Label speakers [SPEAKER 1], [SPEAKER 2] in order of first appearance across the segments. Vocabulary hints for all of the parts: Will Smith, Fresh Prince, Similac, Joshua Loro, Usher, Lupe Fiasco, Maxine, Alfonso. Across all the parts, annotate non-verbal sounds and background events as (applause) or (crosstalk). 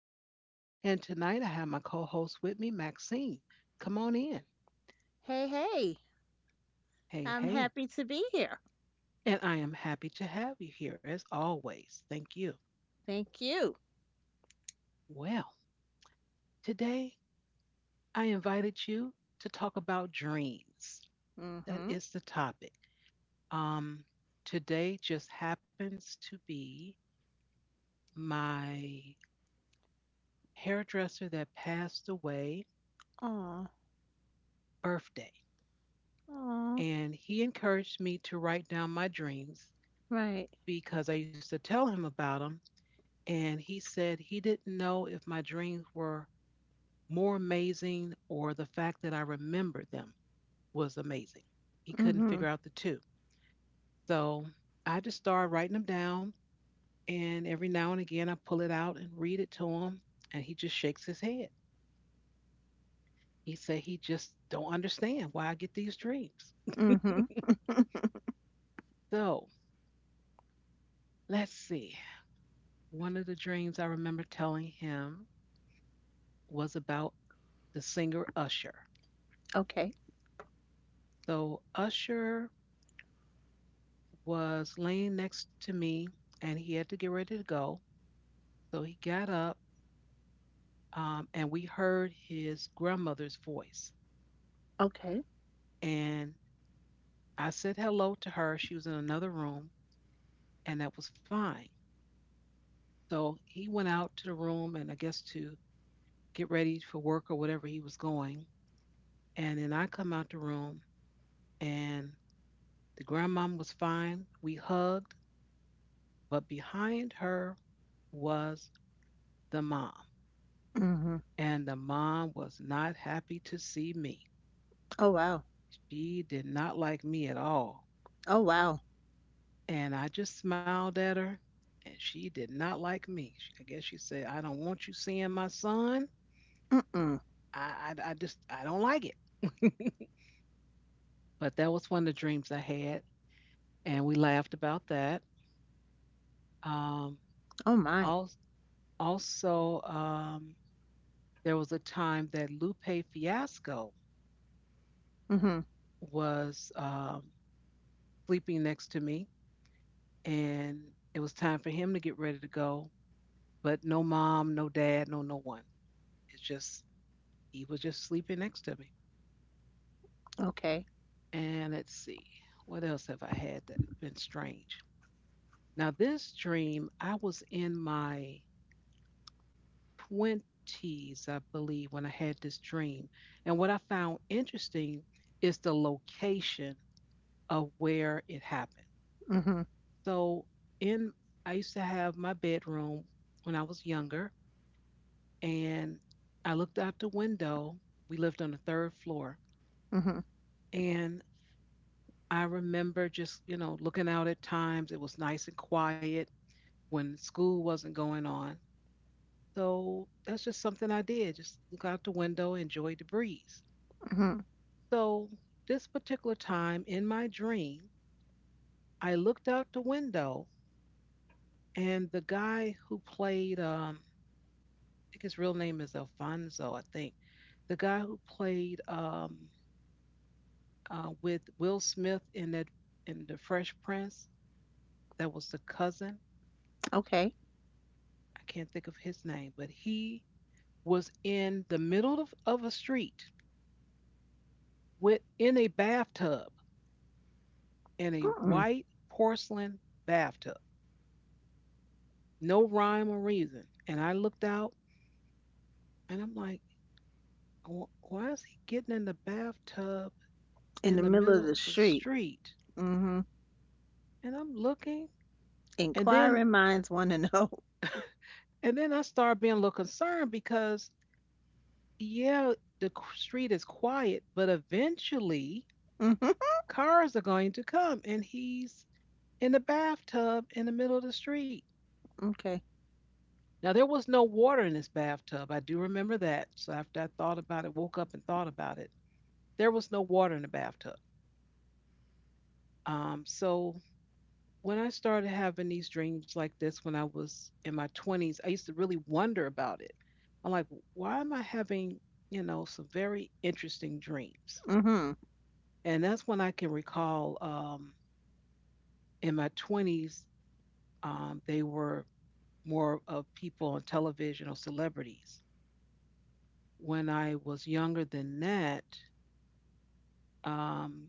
[SPEAKER 1] host, and tonight I have my co host with me, Maxine. Come on in.
[SPEAKER 2] Hey, hey,
[SPEAKER 1] Hey,
[SPEAKER 2] I'm
[SPEAKER 1] hey.
[SPEAKER 2] happy to be here.
[SPEAKER 1] And I am happy to have you here as always. Thank you.
[SPEAKER 2] Thank you.
[SPEAKER 1] Well, today I invited you to talk about dreams. That
[SPEAKER 2] Mhm.
[SPEAKER 1] is the topic. Um, Today just happens to be my hairdresser that passed away
[SPEAKER 2] Aw.
[SPEAKER 1] birthday.
[SPEAKER 2] Aw.
[SPEAKER 1] And he encouraged me to write down my dreams
[SPEAKER 2] Right.
[SPEAKER 1] because I used to tell him about them. And he said he didn't know if my dreams were more amazing or the fact that I remembered them was amazing. He couldn't
[SPEAKER 2] Mhm.
[SPEAKER 1] figure out the two. So I just started writing them down. And every now and again, I pull it out and read it to him. And he just shakes his head. He said he just don't understand why I get these dreams.
[SPEAKER 2] Mhm.
[SPEAKER 1] So let's see. One of the dreams I remember telling him was about the singer Usher.
[SPEAKER 2] Okay.
[SPEAKER 1] So Usher was laying next to me and he had to get ready to go. So he got up and we heard his grandmother's voice.
[SPEAKER 2] Okay.
[SPEAKER 1] And I said hello to her. She was in another room and that was fine. So he went out to the room and I guess to get ready for work or whatever he was going. And then I come out the room and the grandmom was fine. We hugged, but behind her was the mom,
[SPEAKER 2] Mhm.
[SPEAKER 1] and the mom was not happy to see me.
[SPEAKER 2] Oh wow.
[SPEAKER 1] She did not like me at all.
[SPEAKER 2] Oh wow.
[SPEAKER 1] And I just smiled at her, and she did not like me. I guess she said, I don't want you seeing my son.
[SPEAKER 2] Mm-mm.
[SPEAKER 1] I don't like it. (laughs) But that was one of the dreams I had, and we laughed about that. Um,
[SPEAKER 2] Oh my.
[SPEAKER 1] al- also, there was a time that Lupe Fiasco
[SPEAKER 2] Mhm.
[SPEAKER 1] was sleeping next to me and it was time for him to get ready to go. But no mom, no dad, no one. It's just he was just sleeping next to me.
[SPEAKER 2] Okay.
[SPEAKER 1] And let's see, what else have I had that been strange? Now this dream, I was in my twenties, I believe, when I had this dream. And what I found interesting is the location of where it happened.
[SPEAKER 2] Mhm.
[SPEAKER 1] So in I used to have my bedroom when I was younger and I looked out the window. We lived on the third floor,
[SPEAKER 2] Mhm.
[SPEAKER 1] and I remember just, you know, looking out at times. It was nice and quiet when school wasn't going on. So that's just something I did. Just look out the window, enjoy the breeze.
[SPEAKER 2] Mhm.
[SPEAKER 1] So this particular time in my dream, I looked out the window, and the guy who played, I think his real name is Alfonso, I think. The guy who played with Will Smith in that in the Fresh Prince. That was the cousin.
[SPEAKER 2] Okay.
[SPEAKER 1] I can't think of his name, but he was in the middle of a street with in a bathtub in a
[SPEAKER 2] Mm-mm.
[SPEAKER 1] white porcelain bathtub. No rhyme or reason. And I looked out and I'm like, why is he getting in the bathtub
[SPEAKER 2] In the
[SPEAKER 1] in the
[SPEAKER 2] middle of
[SPEAKER 1] middle
[SPEAKER 2] the
[SPEAKER 1] of the
[SPEAKER 2] street.
[SPEAKER 1] street?
[SPEAKER 2] Mhm.
[SPEAKER 1] And I'm looking and then
[SPEAKER 2] Inquiring minds want to know. (laughs)
[SPEAKER 1] and then I started being a little concerned because yeah, the street is quiet, but eventually
[SPEAKER 2] Mhm.
[SPEAKER 1] cars are going to come, and he's in the bathtub in the middle of the street.
[SPEAKER 2] Okay.
[SPEAKER 1] Now, there was no water in his bathtub. I do remember that. So, after I thought about it, woke up and thought about it, there was no water in the bathtub. So, when I started having these dreams like this when I was in my 20s, I used to really wonder about it. I'm like, why am I having, you know, some very interesting dreams?
[SPEAKER 2] Mhm.
[SPEAKER 1] And that's when I can recall in my 20s, they were more of people on television or celebrities. When I was younger than that, um,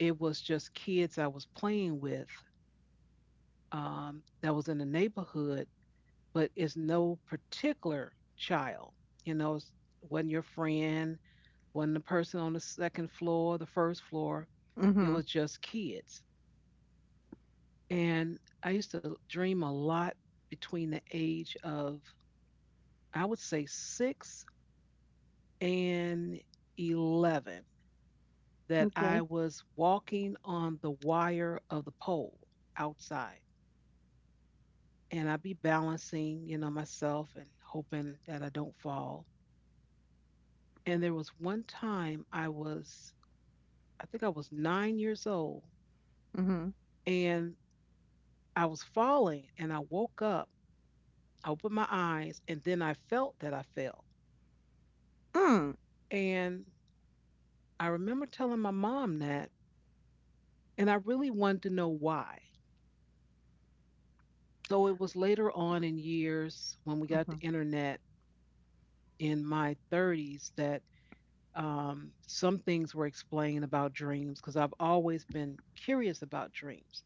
[SPEAKER 1] it was just kids I was playing with that was in the neighborhood, but it's no particular child. You know, it's, wasn't your friend, wasn't the person on the second floor, the first floor. It
[SPEAKER 2] Mhm.
[SPEAKER 1] was just kids. And I used to dream a lot between the age of I would say six and 11 that I
[SPEAKER 2] Okay.
[SPEAKER 1] was walking on the wire of the pole outside. And I'd be balancing, you know, myself and hoping that I don't fall. And there was one time I was, I think I was 9 years old,
[SPEAKER 2] Mhm.
[SPEAKER 1] and I was falling and I woke up, I opened my eyes, and then I felt that I fell.
[SPEAKER 2] Mm.
[SPEAKER 1] And I remember telling my mom that, and I really wanted to know why. So it was later on in years when we got the
[SPEAKER 2] Mhm.
[SPEAKER 1] internet in my 30s that some things were explained about dreams because I've always been curious about dreams.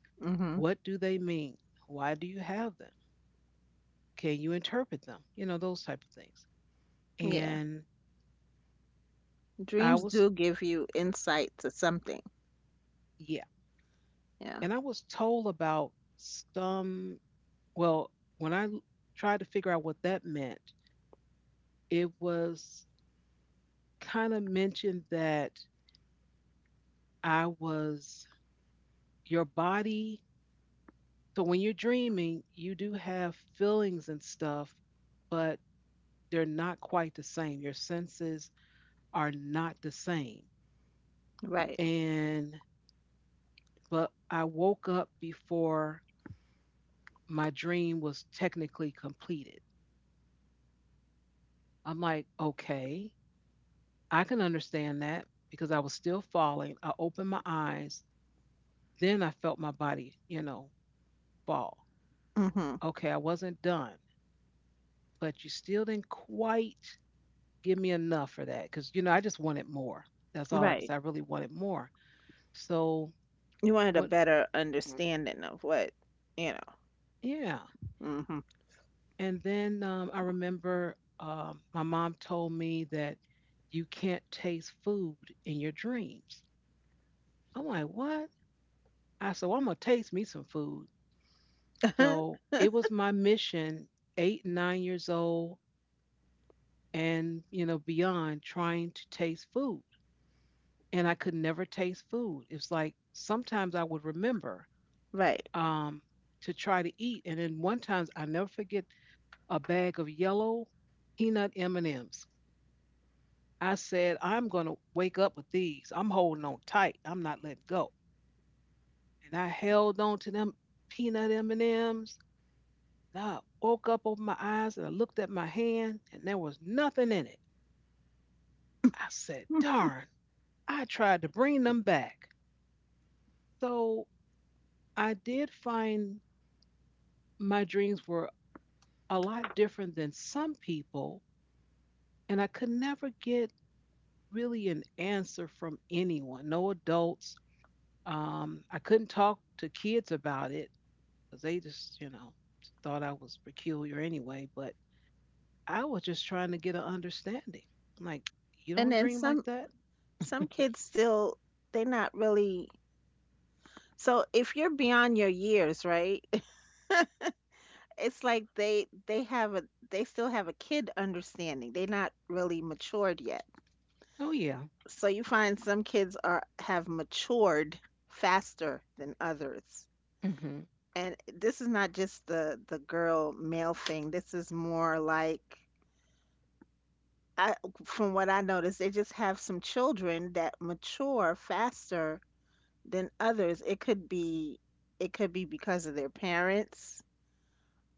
[SPEAKER 1] What do they mean? Why do you have them? Can you interpret them? You know, those type of things.
[SPEAKER 2] Mhm.
[SPEAKER 1] And I
[SPEAKER 2] Dreams
[SPEAKER 1] was,
[SPEAKER 2] do give you insight to something.
[SPEAKER 1] yeah.
[SPEAKER 2] Yeah.
[SPEAKER 1] And I was told about some, well, when I tried to figure out what that meant, it was kind of mentioned that I was your body, so when you're dreaming you do have feelings and stuff but they're not quite the same, your senses are not the same.
[SPEAKER 2] Right.
[SPEAKER 1] And but I woke up before my dream was technically completed. I'm like, okay, I can understand that because I was still falling, I opened my eyes, then I felt my body, you know, fall.
[SPEAKER 2] Mhm.
[SPEAKER 1] Okay, I wasn't done, but you still didn't quite give me enough for that because you know I just wanted more. That's all I can
[SPEAKER 2] Right.
[SPEAKER 1] say. I really wanted more. So
[SPEAKER 2] You wanted a
[SPEAKER 1] what?
[SPEAKER 2] better understanding of what, you.
[SPEAKER 1] Yeah.
[SPEAKER 2] Mhm.
[SPEAKER 1] And then I remember my mom told me that you can't taste food in your dreams. I'm like, what? I said, well, I'm gonna taste me some food. So
[SPEAKER 2] (laughs)
[SPEAKER 1] it was my mission, eight, 9 years old, and you know beyond, trying to taste food, and I could never taste food. It's like sometimes I would remember,
[SPEAKER 2] Right.
[SPEAKER 1] um, to try to eat. And then one time, I never forget a bag of yellow peanut M and M's. I said, I'm gonna wake up with these. I'm holding on tight. I'm not letting go. And I held on to them peanut M and M's. And I woke up over my eyes and I looked at my hand, and there was nothing in it. I said,
[SPEAKER 2] Hmm.
[SPEAKER 1] darn. I tried to bring them back. So I did find my dreams were a lot different than some people, and I could never get really an answer from anyone, no adults. I couldn't talk to kids about it because they just, you know, thought I was peculiar anyway. But I was just trying to get an understanding. I'm like, you
[SPEAKER 2] And
[SPEAKER 1] don't
[SPEAKER 2] then
[SPEAKER 1] dream
[SPEAKER 2] some
[SPEAKER 1] like that?
[SPEAKER 2] kids still, they're not really, so if you're beyond your years, right? (laughs) It's like they have a they still have a kid understanding. They're not really matured yet.
[SPEAKER 1] Oh, yeah.
[SPEAKER 2] So you find some kids are have matured faster than others,
[SPEAKER 1] Mm-hmm.
[SPEAKER 2] and this is not just the girl male thing. This is more like, I, from what I noticed, they just have some children that mature faster than others. It could be, it could be because of their parents.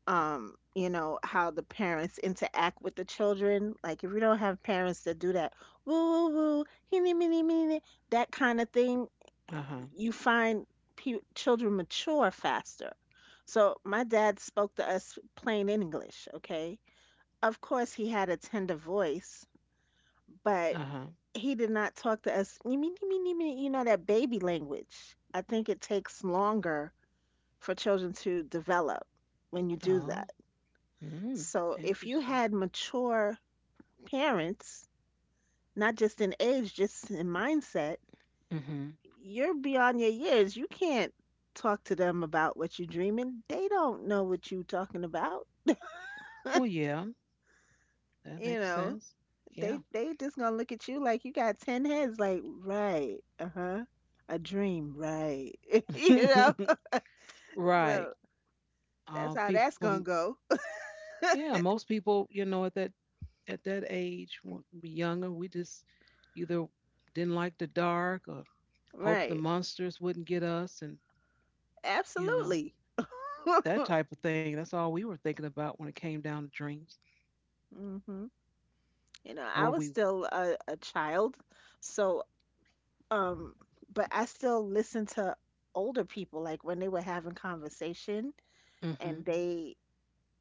[SPEAKER 2] You know, how the parents interact with the children. Like if we don't have parents that do that, woo woo woo, hinny minny minny, that kind of thing,
[SPEAKER 1] Uh huh.
[SPEAKER 2] you find children mature faster. So my dad spoke to us plain English, okay? Of course he had a tender voice, but
[SPEAKER 1] Uh huh.
[SPEAKER 2] he did not talk to us, "Nee, nee, nee, nee, nee, me," you know, that baby language. I think it takes longer for children to develop when you do
[SPEAKER 1] Oh,
[SPEAKER 2] that.
[SPEAKER 1] mm,
[SPEAKER 2] So if you
[SPEAKER 1] interesting.
[SPEAKER 2] had mature parents, not just in age, just in mindset,
[SPEAKER 1] Mm-hmm.
[SPEAKER 2] you're beyond your years. You can't talk to them about what you're dreaming. They don't know what you're talking about.
[SPEAKER 1] Well, yeah, that
[SPEAKER 2] You
[SPEAKER 1] makes
[SPEAKER 2] know,
[SPEAKER 1] sense.
[SPEAKER 2] they
[SPEAKER 1] Yeah.
[SPEAKER 2] they just gonna look at you like you got ten heads. Like, right, uh huh, a dream, right? (laughs) You know,
[SPEAKER 1] (laughs)
[SPEAKER 2] so
[SPEAKER 1] Right.
[SPEAKER 2] that's how that's
[SPEAKER 1] People
[SPEAKER 2] gonna go.
[SPEAKER 1] Yeah, most people, you know, at that age, when we younger, we just either didn't like the dark or hoped the
[SPEAKER 2] Right,
[SPEAKER 1] monsters wouldn't get us, and you know
[SPEAKER 2] absolutely. (laughs)
[SPEAKER 1] that type of thing. That's all we were thinking about when it came down to dreams.
[SPEAKER 2] Hmm. You know, I
[SPEAKER 1] Or
[SPEAKER 2] was
[SPEAKER 1] we.
[SPEAKER 2] still a child, so. Um, but I still listen to older people, like when they were having conversation
[SPEAKER 1] Mm-hmm.
[SPEAKER 2] and they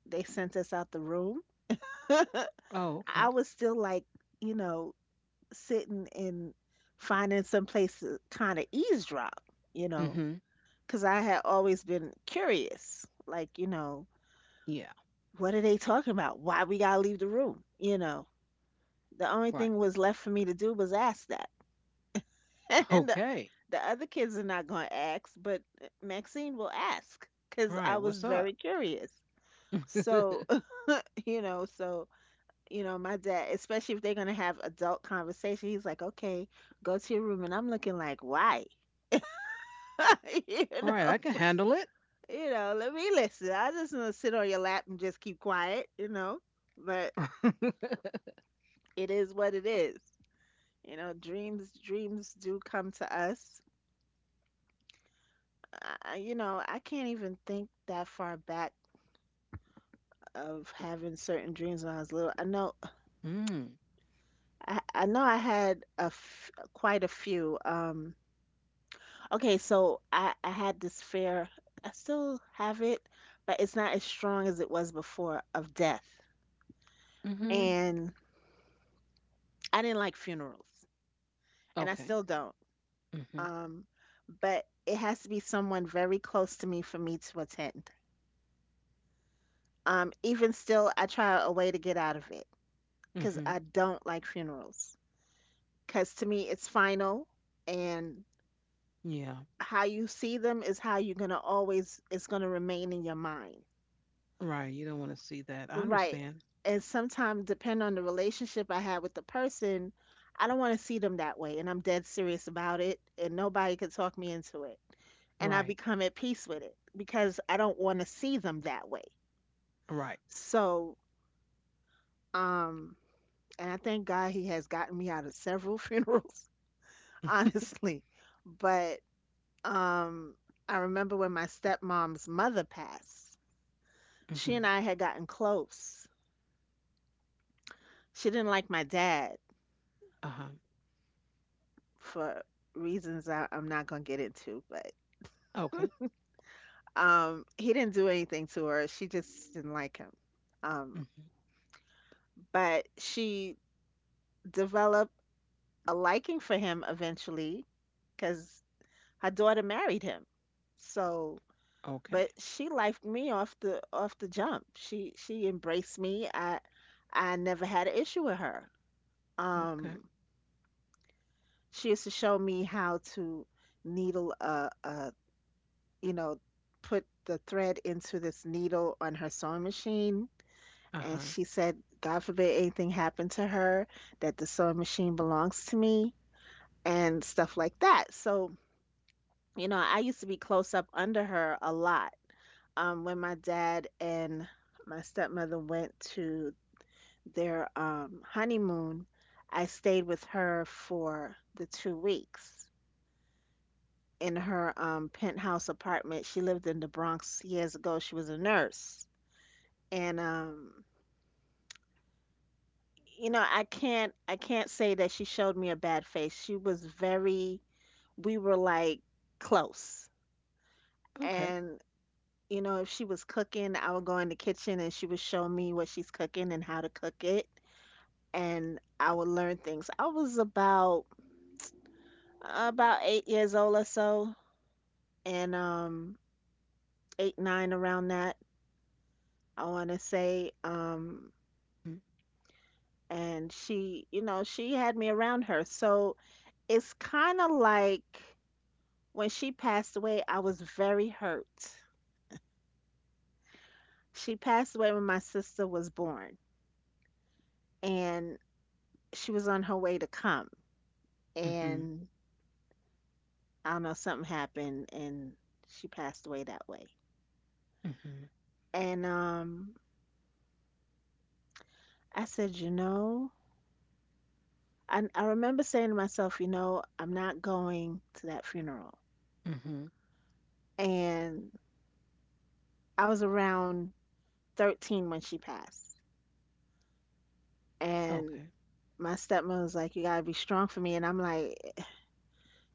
[SPEAKER 2] they sent us out the room. (laughs)
[SPEAKER 1] Oh,
[SPEAKER 2] I
[SPEAKER 1] okay.
[SPEAKER 2] was still like, you know, sitting and finding some place to kind of eavesdrop, you know,
[SPEAKER 1] Mm-hmm.
[SPEAKER 2] because I had always been curious, like, you know,
[SPEAKER 1] Yeah.
[SPEAKER 2] what are they talking about? Why we gotta leave the room? You know, the only
[SPEAKER 1] Right.
[SPEAKER 2] thing was left for me to do was ask that. (laughs)
[SPEAKER 1] (laughs)
[SPEAKER 2] And
[SPEAKER 1] Okay.
[SPEAKER 2] the other kids are not going to ask, but eh, Maxine will ask because
[SPEAKER 1] Right.
[SPEAKER 2] I was
[SPEAKER 1] What's up?
[SPEAKER 2] very curious.
[SPEAKER 1] (laughs) Right.
[SPEAKER 2] So, (laughs) you know, so, you know, my dad, especially if they're going to have adult conversation, he's like, okay, go to your room. And I'm looking like, why? (laughs) You know,
[SPEAKER 1] I can handle it.
[SPEAKER 2] you know, let me listen. I just want to sit on your lap and just keep quiet, you know, but
[SPEAKER 1] (laughs)
[SPEAKER 2] it is what it is. You know, dreams, dreams do come to us. You know, I can't even think that far back of having certain dreams when I was little. I know
[SPEAKER 1] Mm.
[SPEAKER 2] I know I had a quite a few. Okay, so I had this fear. I still have it, but it's not as strong as it was before of death.
[SPEAKER 1] Mm-hmm.
[SPEAKER 2] And I didn't like funerals, and I
[SPEAKER 1] Okay.
[SPEAKER 2] still don't.
[SPEAKER 1] Mm-hmm.
[SPEAKER 2] Um, but it has to be someone very close to me for me to attend. Even still, I try a way to get out of it because
[SPEAKER 1] Mm-hmm.
[SPEAKER 2] I don't like funerals. Because to me, it's final and
[SPEAKER 1] Yeah.
[SPEAKER 2] how you see them is how you're gonna always, it's gonna remain in your mind.
[SPEAKER 1] Right. You don't want to see that. I
[SPEAKER 2] Right.
[SPEAKER 1] understand.
[SPEAKER 2] And sometimes depending on the relationship I had with the person, I don't want to see them that way and I'm dead serious about it and nobody can talk me into it. And I
[SPEAKER 1] Right.
[SPEAKER 2] become at peace with it because I don't want to see them that way.
[SPEAKER 1] Right.
[SPEAKER 2] So, um, and I thank God he has gotten me out of several (laughs) funerals,
[SPEAKER 1] (laughs)
[SPEAKER 2] honestly. But um, I remember when my stepmom's mother passed. She
[SPEAKER 1] Hmm.
[SPEAKER 2] and I had gotten close. She didn't like my dad
[SPEAKER 1] Uh-huh.
[SPEAKER 2] for reasons I'm not gonna get into, but
[SPEAKER 1] Okay.
[SPEAKER 2] he didn't do anything to her. She just didn't like him. Um,
[SPEAKER 1] Hmm.
[SPEAKER 2] but she developed a liking for him eventually because her daughter married him. So,
[SPEAKER 1] Okay.
[SPEAKER 2] but she liked me off the jump. She embraced me. I never had an issue with her.
[SPEAKER 1] Okay.
[SPEAKER 2] Um, she used to show me how to needle, you know, put the thread into this needle on her sewing machine, and
[SPEAKER 1] Uh-huh.
[SPEAKER 2] she said, God forbid anything happened to her, that the sewing machine belongs to me and stuff like that. So, you know, I used to be close up under her a lot. Um, when my dad and my stepmother went to their um, honeymoon, I stayed with her for the 2 weeks in her penthouse apartment. She lived in the Bronx years ago. She was a nurse, and you know, I can't say that she showed me a bad face. She was very, we were like close,
[SPEAKER 1] Okay.
[SPEAKER 2] and you know, if she was cooking, I would go in the kitchen and she would show me what she's cooking and how to cook it, and I would learn things. I was about 8 years old or so, and eight nine around that. I want to say,
[SPEAKER 1] Mm-hmm.
[SPEAKER 2] and she, you know, she had me around her. So it's kind of like when she passed away, I was very hurt. She passed away when my sister was born, and she was on her way to come.
[SPEAKER 1] Mm-hmm.
[SPEAKER 2] And I don't know, something happened, and she passed away that way. And I said, you know, I remember saying to myself, you know, I'm not going to that funeral.
[SPEAKER 1] Mm-hmm.
[SPEAKER 2] And I was around 13 when she passed. And
[SPEAKER 1] Okay.
[SPEAKER 2] my stepmom was like, "You gotta be strong for me," and I'm like,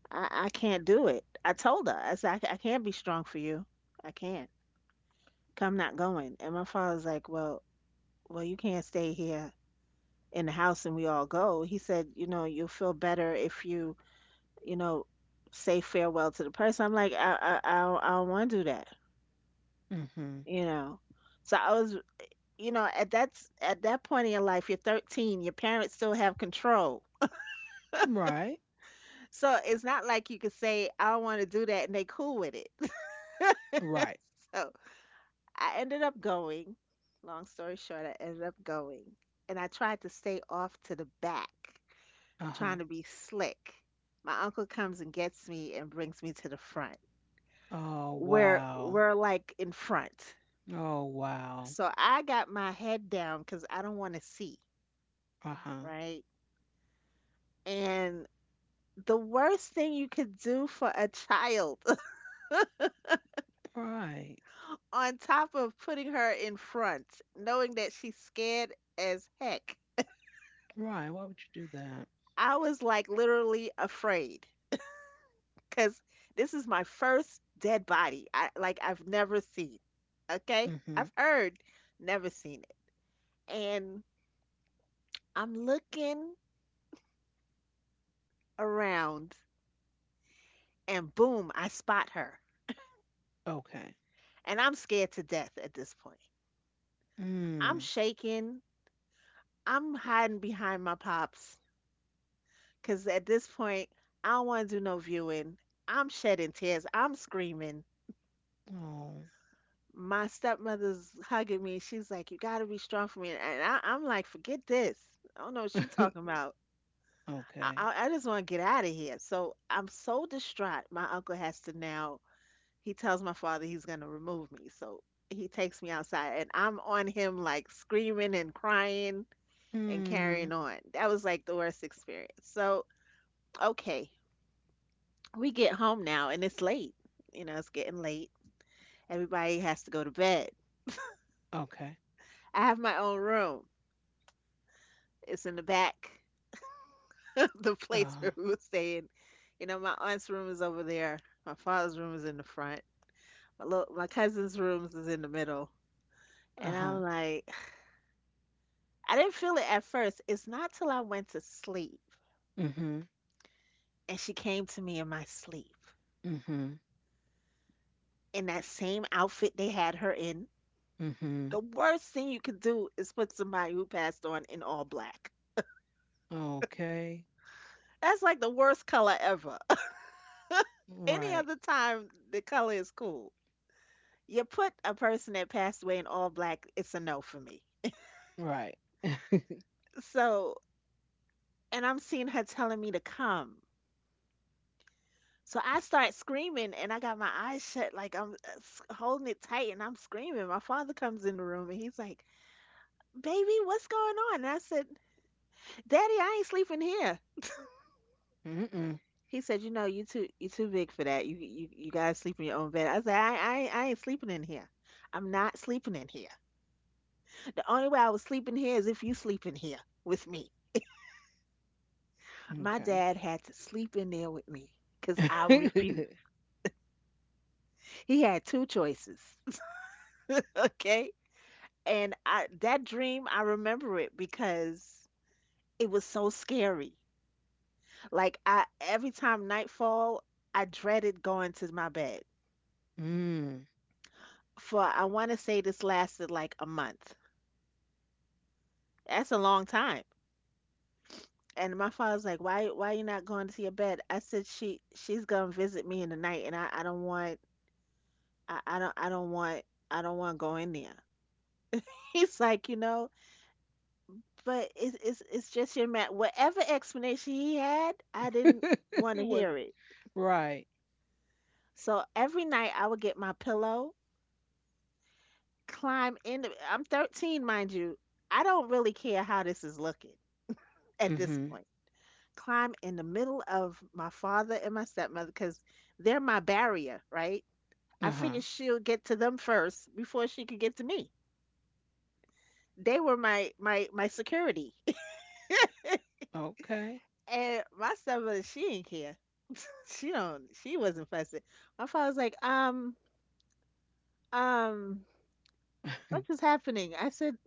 [SPEAKER 2] I can't do it." I told her, I said, I can't be strong for you. I can't. I'm not going." And my father's like, "Well, well, you can't stay here in the house and we all go." He said, "You know, you'll feel better if you, you know, say farewell to the person." I'm like, I don't want to do that,"
[SPEAKER 1] Mm-hmm.
[SPEAKER 2] you know. So I was, you know, at that point in your life, you're 13. Your parents still have control.
[SPEAKER 1] Right.
[SPEAKER 2] So it's not like you could say, I don't want to do that, and they cool with it.
[SPEAKER 1] Right.
[SPEAKER 2] (laughs) So I ended up going. Long story short, I ended up going. And I tried to stay off to the back,
[SPEAKER 1] Uh-huh.
[SPEAKER 2] trying to be slick. My uncle comes and gets me and brings me to the front.
[SPEAKER 1] Oh
[SPEAKER 2] Where
[SPEAKER 1] wow.
[SPEAKER 2] we're like in front.
[SPEAKER 1] Oh wow.
[SPEAKER 2] So I got my head down because I don't want to see,
[SPEAKER 1] Uh-huh.
[SPEAKER 2] right? And the worst thing you could do for a child,
[SPEAKER 1] Right.
[SPEAKER 2] (laughs) on top of putting her in front, knowing that she's scared as heck,
[SPEAKER 1] Right. Why would you do that?
[SPEAKER 2] I was like literally afraid because this is my first dead body. I've never seen. Okay?
[SPEAKER 1] Mm-hmm.
[SPEAKER 2] I've heard, never seen it. And I'm looking around and boom, I spot her.
[SPEAKER 1] Okay.
[SPEAKER 2] And I'm scared to death at this point. I'm
[SPEAKER 1] Mm.
[SPEAKER 2] shaking. I'm hiding behind my pops because at this point, I don't want to do no viewing. I'm shedding tears. I'm screaming,
[SPEAKER 1] Oh.
[SPEAKER 2] my stepmother's hugging me. She's like, "You got to be strong for me," and I'm like, "Forget this. I don't know what she's talking
[SPEAKER 1] (laughs)
[SPEAKER 2] about.
[SPEAKER 1] Okay.
[SPEAKER 2] I just want to get out of here." So I'm so distraught. My uncle has to now. He tells my father he's going to remove me. So he takes me outside, and I'm on him like screaming and crying and
[SPEAKER 1] Mm.
[SPEAKER 2] carrying on. That was like the worst experience. So okay, we get home now, and it's late. You know, it's getting late. Everybody has to go to bed.
[SPEAKER 1] Okay.
[SPEAKER 2] I have my own room. It's in the back, (laughs) the place
[SPEAKER 1] Uh-huh.
[SPEAKER 2] where we were staying. You know, my aunt's room is over there. My father's room is in the front. My little, my cousin's rooms is in the middle. And
[SPEAKER 1] Uh-huh.
[SPEAKER 2] I'm like, (sighs) I didn't feel it at first. It's not till I went to sleep
[SPEAKER 1] Mm-hmm.
[SPEAKER 2] and she came to me in my sleep
[SPEAKER 1] Mm-hmm.
[SPEAKER 2] in that same outfit they had her in.
[SPEAKER 1] Mm-hmm.
[SPEAKER 2] The worst thing you could do is put somebody who passed on in all black.
[SPEAKER 1] Okay.
[SPEAKER 2] That's like the worst color ever. (laughs) Any
[SPEAKER 1] Right.
[SPEAKER 2] other time, the color is cool. You put a person that passed away in all black, it's a no for me.
[SPEAKER 1] Right.
[SPEAKER 2] So, and I'm seeing her telling me to come. So I start screaming and I got my eyes shut, like I'm holding it tight and I'm screaming. My father comes in the room and he's like, Baby, what's going on? And I said, Daddy, I ain't sleeping here.
[SPEAKER 1] Mm-mm.
[SPEAKER 2] He said, You know, you too big for that. You guys sleep in your own bed. I said, I ain't sleeping in here. I'm not sleeping in here. The only way I was sleeping here is if you sleep in here with me. My
[SPEAKER 1] Okay.
[SPEAKER 2] dad had to sleep in there with me because I refused.
[SPEAKER 1] (laughs)
[SPEAKER 2] He had two choices, (laughs) okay? And I that dream, I remember it because it was so scary. Like I every time nightfall, I dreaded going to my bed.
[SPEAKER 1] Mm.
[SPEAKER 2] For I want to say this lasted like a month. That's a long time. And my father's like, "Why you not going to your bed?" I said, "She's going to visit me in the night, and I don't want I, I don't I don't want I don't want to go in there." (laughs) He's like, "You know, but it's just your man." Whatever explanation he had, I didn't
[SPEAKER 1] (laughs)
[SPEAKER 2] want to
[SPEAKER 1] It
[SPEAKER 2] hear
[SPEAKER 1] wasn't.
[SPEAKER 2] it.
[SPEAKER 1] Right.
[SPEAKER 2] So every night I would get my pillow, climb in. I'm 13, mind you. I don't really care how this is looking at this
[SPEAKER 1] Mm-hmm.
[SPEAKER 2] point. Climb in the middle of my father and my stepmother because they're my barrier, right? I
[SPEAKER 1] Uh-huh.
[SPEAKER 2] figured she'll get to them first before she could get to me. They were my security. (laughs)
[SPEAKER 1] Okay.
[SPEAKER 2] And my stepmother, she didn't care. She don't. She wasn't fussing. My father was like, um, what is
[SPEAKER 1] (laughs)
[SPEAKER 2] happening? I said,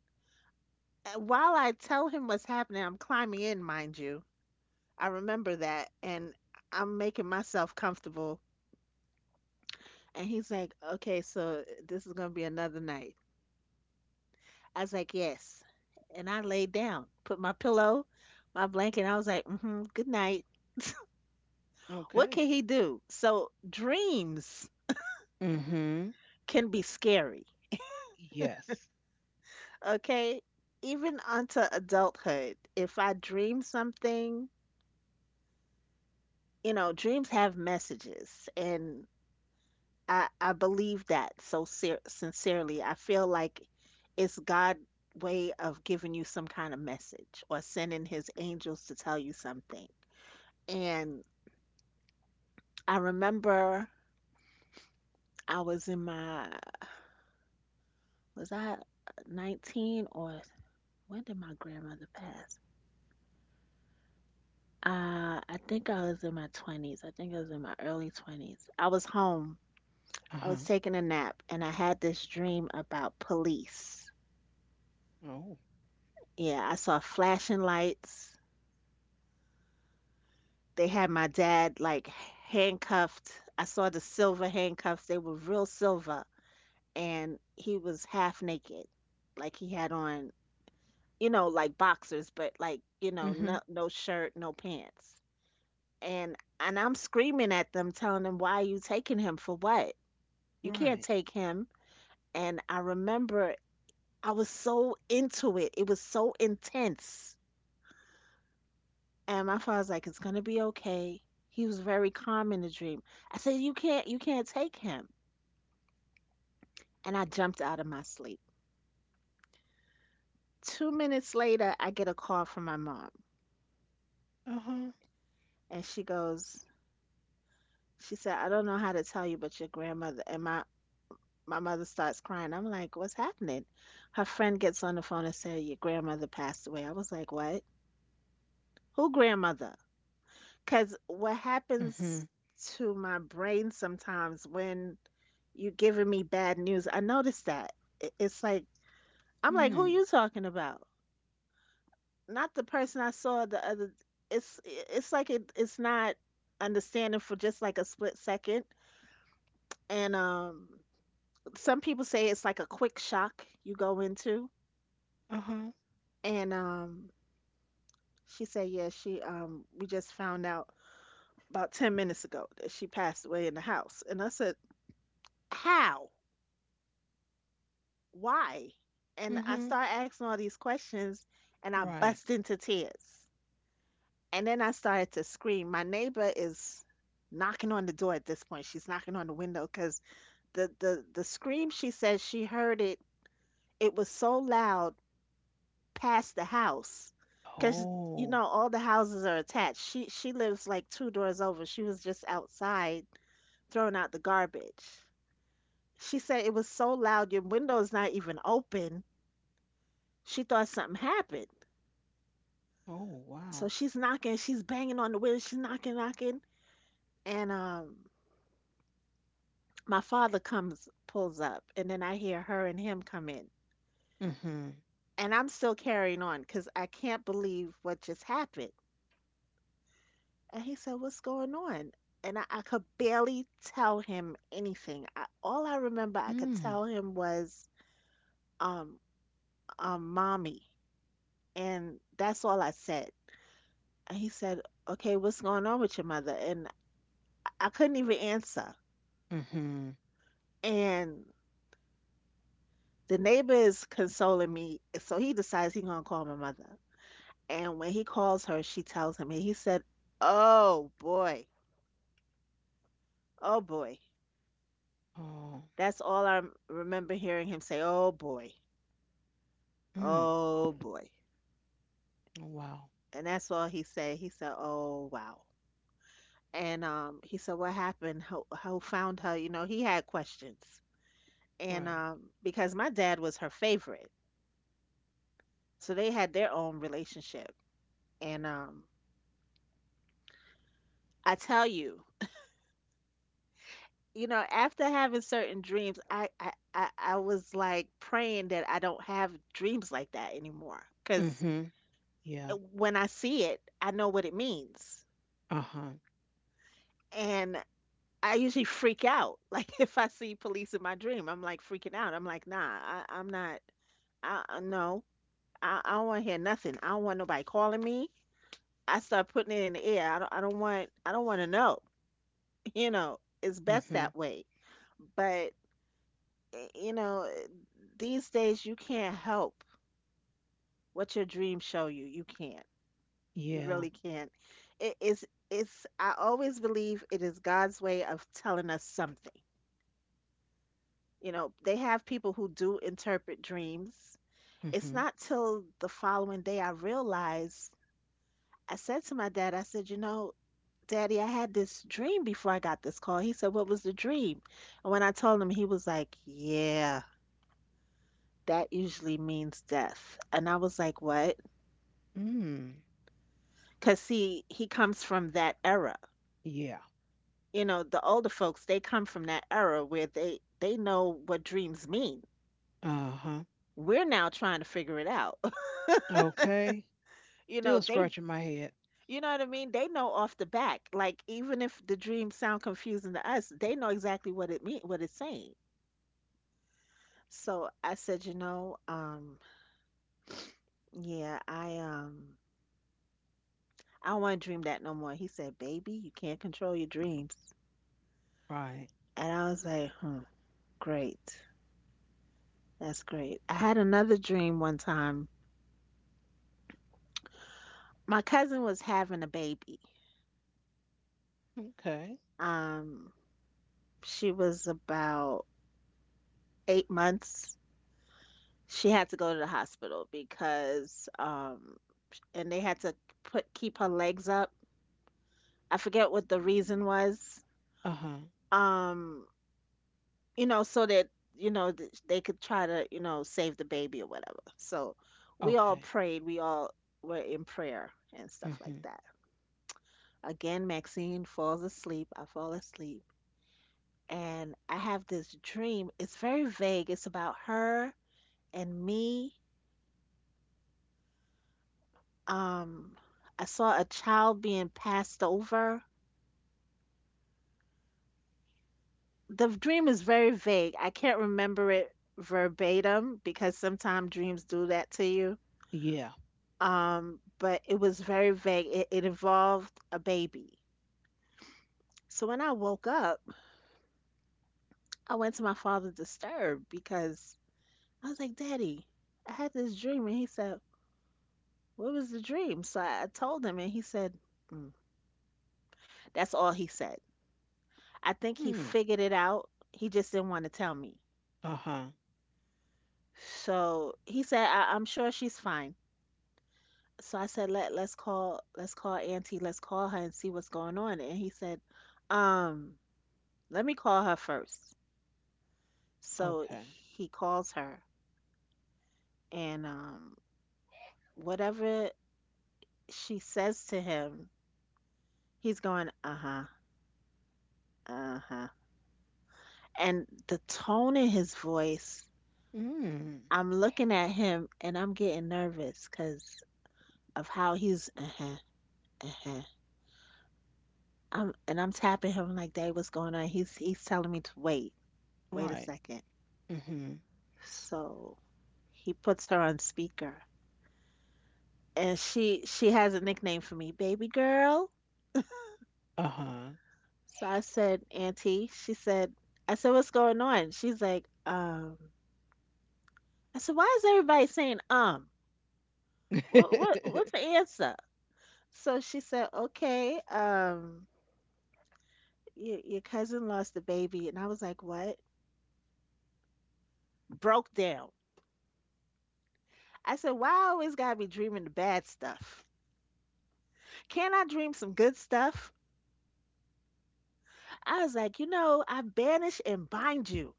[SPEAKER 2] While I tell him what's happening, I'm climbing in, mind you. I remember that, and I'm making myself comfortable. And he's like, okay, so this is gonna be another night. I was like, yes. And I laid down, put my pillow, my blanket. And I was like, mm-hmm, good night. What
[SPEAKER 1] Okay.
[SPEAKER 2] can he do? So dreams
[SPEAKER 1] Mm-hmm.
[SPEAKER 2] can be scary.
[SPEAKER 1] Yes.
[SPEAKER 2] Okay, even unto adulthood, if I dream something, you know, dreams have messages, and I believe that so ser sincerely. I feel like it's God' way of giving you some kind of message or sending his angels to tell you something. And I remember I was in my, was I 19, or when did my grandmother pass? I think I was in my 20s. I think I was in my early 20s. I was home. I was
[SPEAKER 1] Uh-huh.
[SPEAKER 2] taking a nap and I had this dream about police.
[SPEAKER 1] Oh.
[SPEAKER 2] Yeah, I saw flashing lights. They had my dad like handcuffed. I saw the silver handcuffs. They were real silver, and he was half naked. Like he had on, like boxers, but like,
[SPEAKER 1] Mm-hmm.
[SPEAKER 2] no shirt, no pants. And and I'm screaming at them, telling them, why are you taking him? For what? You can't
[SPEAKER 1] Right.
[SPEAKER 2] take him. And I remember I was so into it. It was so intense. And my father's like, it's gonna be okay. He was very calm in the dream. I said, you can't take him. And I jumped out of my sleep. 2 minutes later, I get a call from my mom,
[SPEAKER 1] Uh-huh.
[SPEAKER 2] and she said, I don't know how to tell you, but your grandmother, and my mother starts crying. I'm like, what's happening? Her friend gets on the phone and said, your grandmother passed away. I was like, what? Who grandmother? Because what
[SPEAKER 1] Mm-hmm.
[SPEAKER 2] happens to my brain sometimes when you're giving me bad news, I notice that. It's like, I'm like, who
[SPEAKER 1] Mm.
[SPEAKER 2] you talking about? Not the person I saw the other. It's like it's not understanding for just like a split second. And some people say it's like a quick shock you go into.
[SPEAKER 1] Uh-huh.
[SPEAKER 2] And she said, yeah, she we just found out about 10 minutes ago that she passed away in the house. And I said, how? Why? And I
[SPEAKER 1] Mm-hmm.
[SPEAKER 2] start asking all these questions, and I
[SPEAKER 1] Right.
[SPEAKER 2] bust into tears. And then I started to scream. My neighbor is knocking on the door at this point. She's knocking on the window because the scream, she says she heard it, it was so loud past the house. Because,
[SPEAKER 1] Oh.
[SPEAKER 2] all the houses are attached. She lives like two doors over. She was just outside throwing out the garbage. She said it was so loud, your window's not even open. She thought something happened.
[SPEAKER 1] Oh, wow.
[SPEAKER 2] So she's knocking, she's banging on the window, she's knocking, knocking, and my father comes, pulls up, and then I hear her and him come in.
[SPEAKER 1] Mm-hmm.
[SPEAKER 2] And I'm still carrying on because I can't believe what just happened. And he said, what's going on? And I could barely tell him anything. All I remember I could
[SPEAKER 1] Mm.
[SPEAKER 2] tell him was, um, mommy. And that's all I said. And he said, okay, what's going on with your mother? And I couldn't even answer.
[SPEAKER 1] Mm-hmm.
[SPEAKER 2] And the neighbor is consoling me, so he decides he gonna call my mother. And when he calls her, she tells him, and he said, "Oh boy, oh boy."
[SPEAKER 1] Oh.
[SPEAKER 2] That's all I remember hearing him say,
[SPEAKER 1] Mm.
[SPEAKER 2] oh boy,"
[SPEAKER 1] Wow.
[SPEAKER 2] and that's all he said. He said, "Oh wow," and he said, what happened? How found her? You know, he had questions, and
[SPEAKER 1] Right.
[SPEAKER 2] because my dad was her favorite, so they had their own relationship, and I tell you, after having certain dreams, I was like praying that I don't have dreams like that anymore. Because
[SPEAKER 1] Mm-hmm. Yeah.
[SPEAKER 2] when I see it, I know what it means.
[SPEAKER 1] Uh-huh.
[SPEAKER 2] And I usually freak out. (laughs) Like if I see police in my dream, I'm like freaking out. I'm like, nah, I'm not, no, I don't want to hear nothing. I don't want nobody calling me. I start putting it in the air. I don't want to know. (laughs) You know, it's best
[SPEAKER 1] Mm-hmm.
[SPEAKER 2] that way. But y- you know, eh, these days you can't help what your dreams show you. You can't. You
[SPEAKER 1] Yeah.
[SPEAKER 2] really can't. It is it's I always believe it is God's way of telling us something. You know, they have people who do interpret dreams. It's
[SPEAKER 1] Mm-hmm.
[SPEAKER 2] not till the following day I realized. I said to my dad, I said, you know, Daddy, I had this dream before I got this call. He said, what was the dream? And when I told him, he was like, yeah, that usually means death. And I was like, what?
[SPEAKER 1] Mm.
[SPEAKER 2] Because see, he comes from that era.
[SPEAKER 1] Yeah.
[SPEAKER 2] You know, the older folks, they come from that era where they know what dreams mean.
[SPEAKER 1] Uh-huh.
[SPEAKER 2] We're now trying to figure it out. (laughs)
[SPEAKER 1] Okay.
[SPEAKER 2] You know,
[SPEAKER 1] Still
[SPEAKER 2] they
[SPEAKER 1] scratching my head.
[SPEAKER 2] you know what I mean? They know off the back. Like even if the dreams sound confusing to us, they know exactly what it's saying. So I said, yeah, I don't want to dream that no more. He said, Baby, you can't control your dreams.
[SPEAKER 1] Right.
[SPEAKER 2] And I was like, hmm, great. That's great. I had another dream one time my cousin was having a baby.
[SPEAKER 1] Okay.
[SPEAKER 2] Um, she was about 8 months. She had to go to the hospital because, and they had to put keep her legs up. I forget what the reason was.
[SPEAKER 1] Uh-huh.
[SPEAKER 2] Um, so that they could try to save the baby or whatever. So we all
[SPEAKER 1] Okay.
[SPEAKER 2] prayed. We all were in prayer and stuff like
[SPEAKER 1] Mm-hmm.
[SPEAKER 2] that. Again, Maxine falls asleep. I fall asleep, and I have this dream. It's very vague. It's about her and me. Um, I saw a child being passed over. The dream is very vague. I can't remember it verbatim because sometimes dreams do that to you.
[SPEAKER 1] Yeah.
[SPEAKER 2] But it was very vague. It involved a baby. So when I woke up, I went to my father disturbed because I was like, Daddy, I had this dream. And he said, what was the dream? So I told him, and he said, "Mm." That's all he said. I think he
[SPEAKER 1] Mm.
[SPEAKER 2] figured it out. He just didn't want to tell me.
[SPEAKER 1] Uh-huh.
[SPEAKER 2] So he said, "I'm sure she's fine." So I said, "Let's call Auntie. Let's call her and see what's going on." And he said, "Um, let me call her first." So
[SPEAKER 1] Okay.
[SPEAKER 2] he calls her, and whatever she says to him, he's going, "Uh huh, uh huh." And the tone in his voice,
[SPEAKER 1] Mm.
[SPEAKER 2] I'm looking at him and I'm getting nervous because of how he's uh-huh, uh-huh. I'm and I'm tapping him like, Dave, what's going on? He's telling me to wait. Wait a
[SPEAKER 1] Right.
[SPEAKER 2] second.
[SPEAKER 1] Mm-hmm.
[SPEAKER 2] So he puts her on speaker. And she has a nickname for me, baby girl.
[SPEAKER 1] Uh-huh.
[SPEAKER 2] So I said, Auntie. She said I said, what's going on? She's like, I said, Why is everybody saying um? What's the answer? So she said, Okay, your cousin lost a baby, and I was like, What? Broke down. I said, Why I always gotta be dreaming the bad stuff? Can't I dream some good stuff? I was like, You know, I banish and bind you.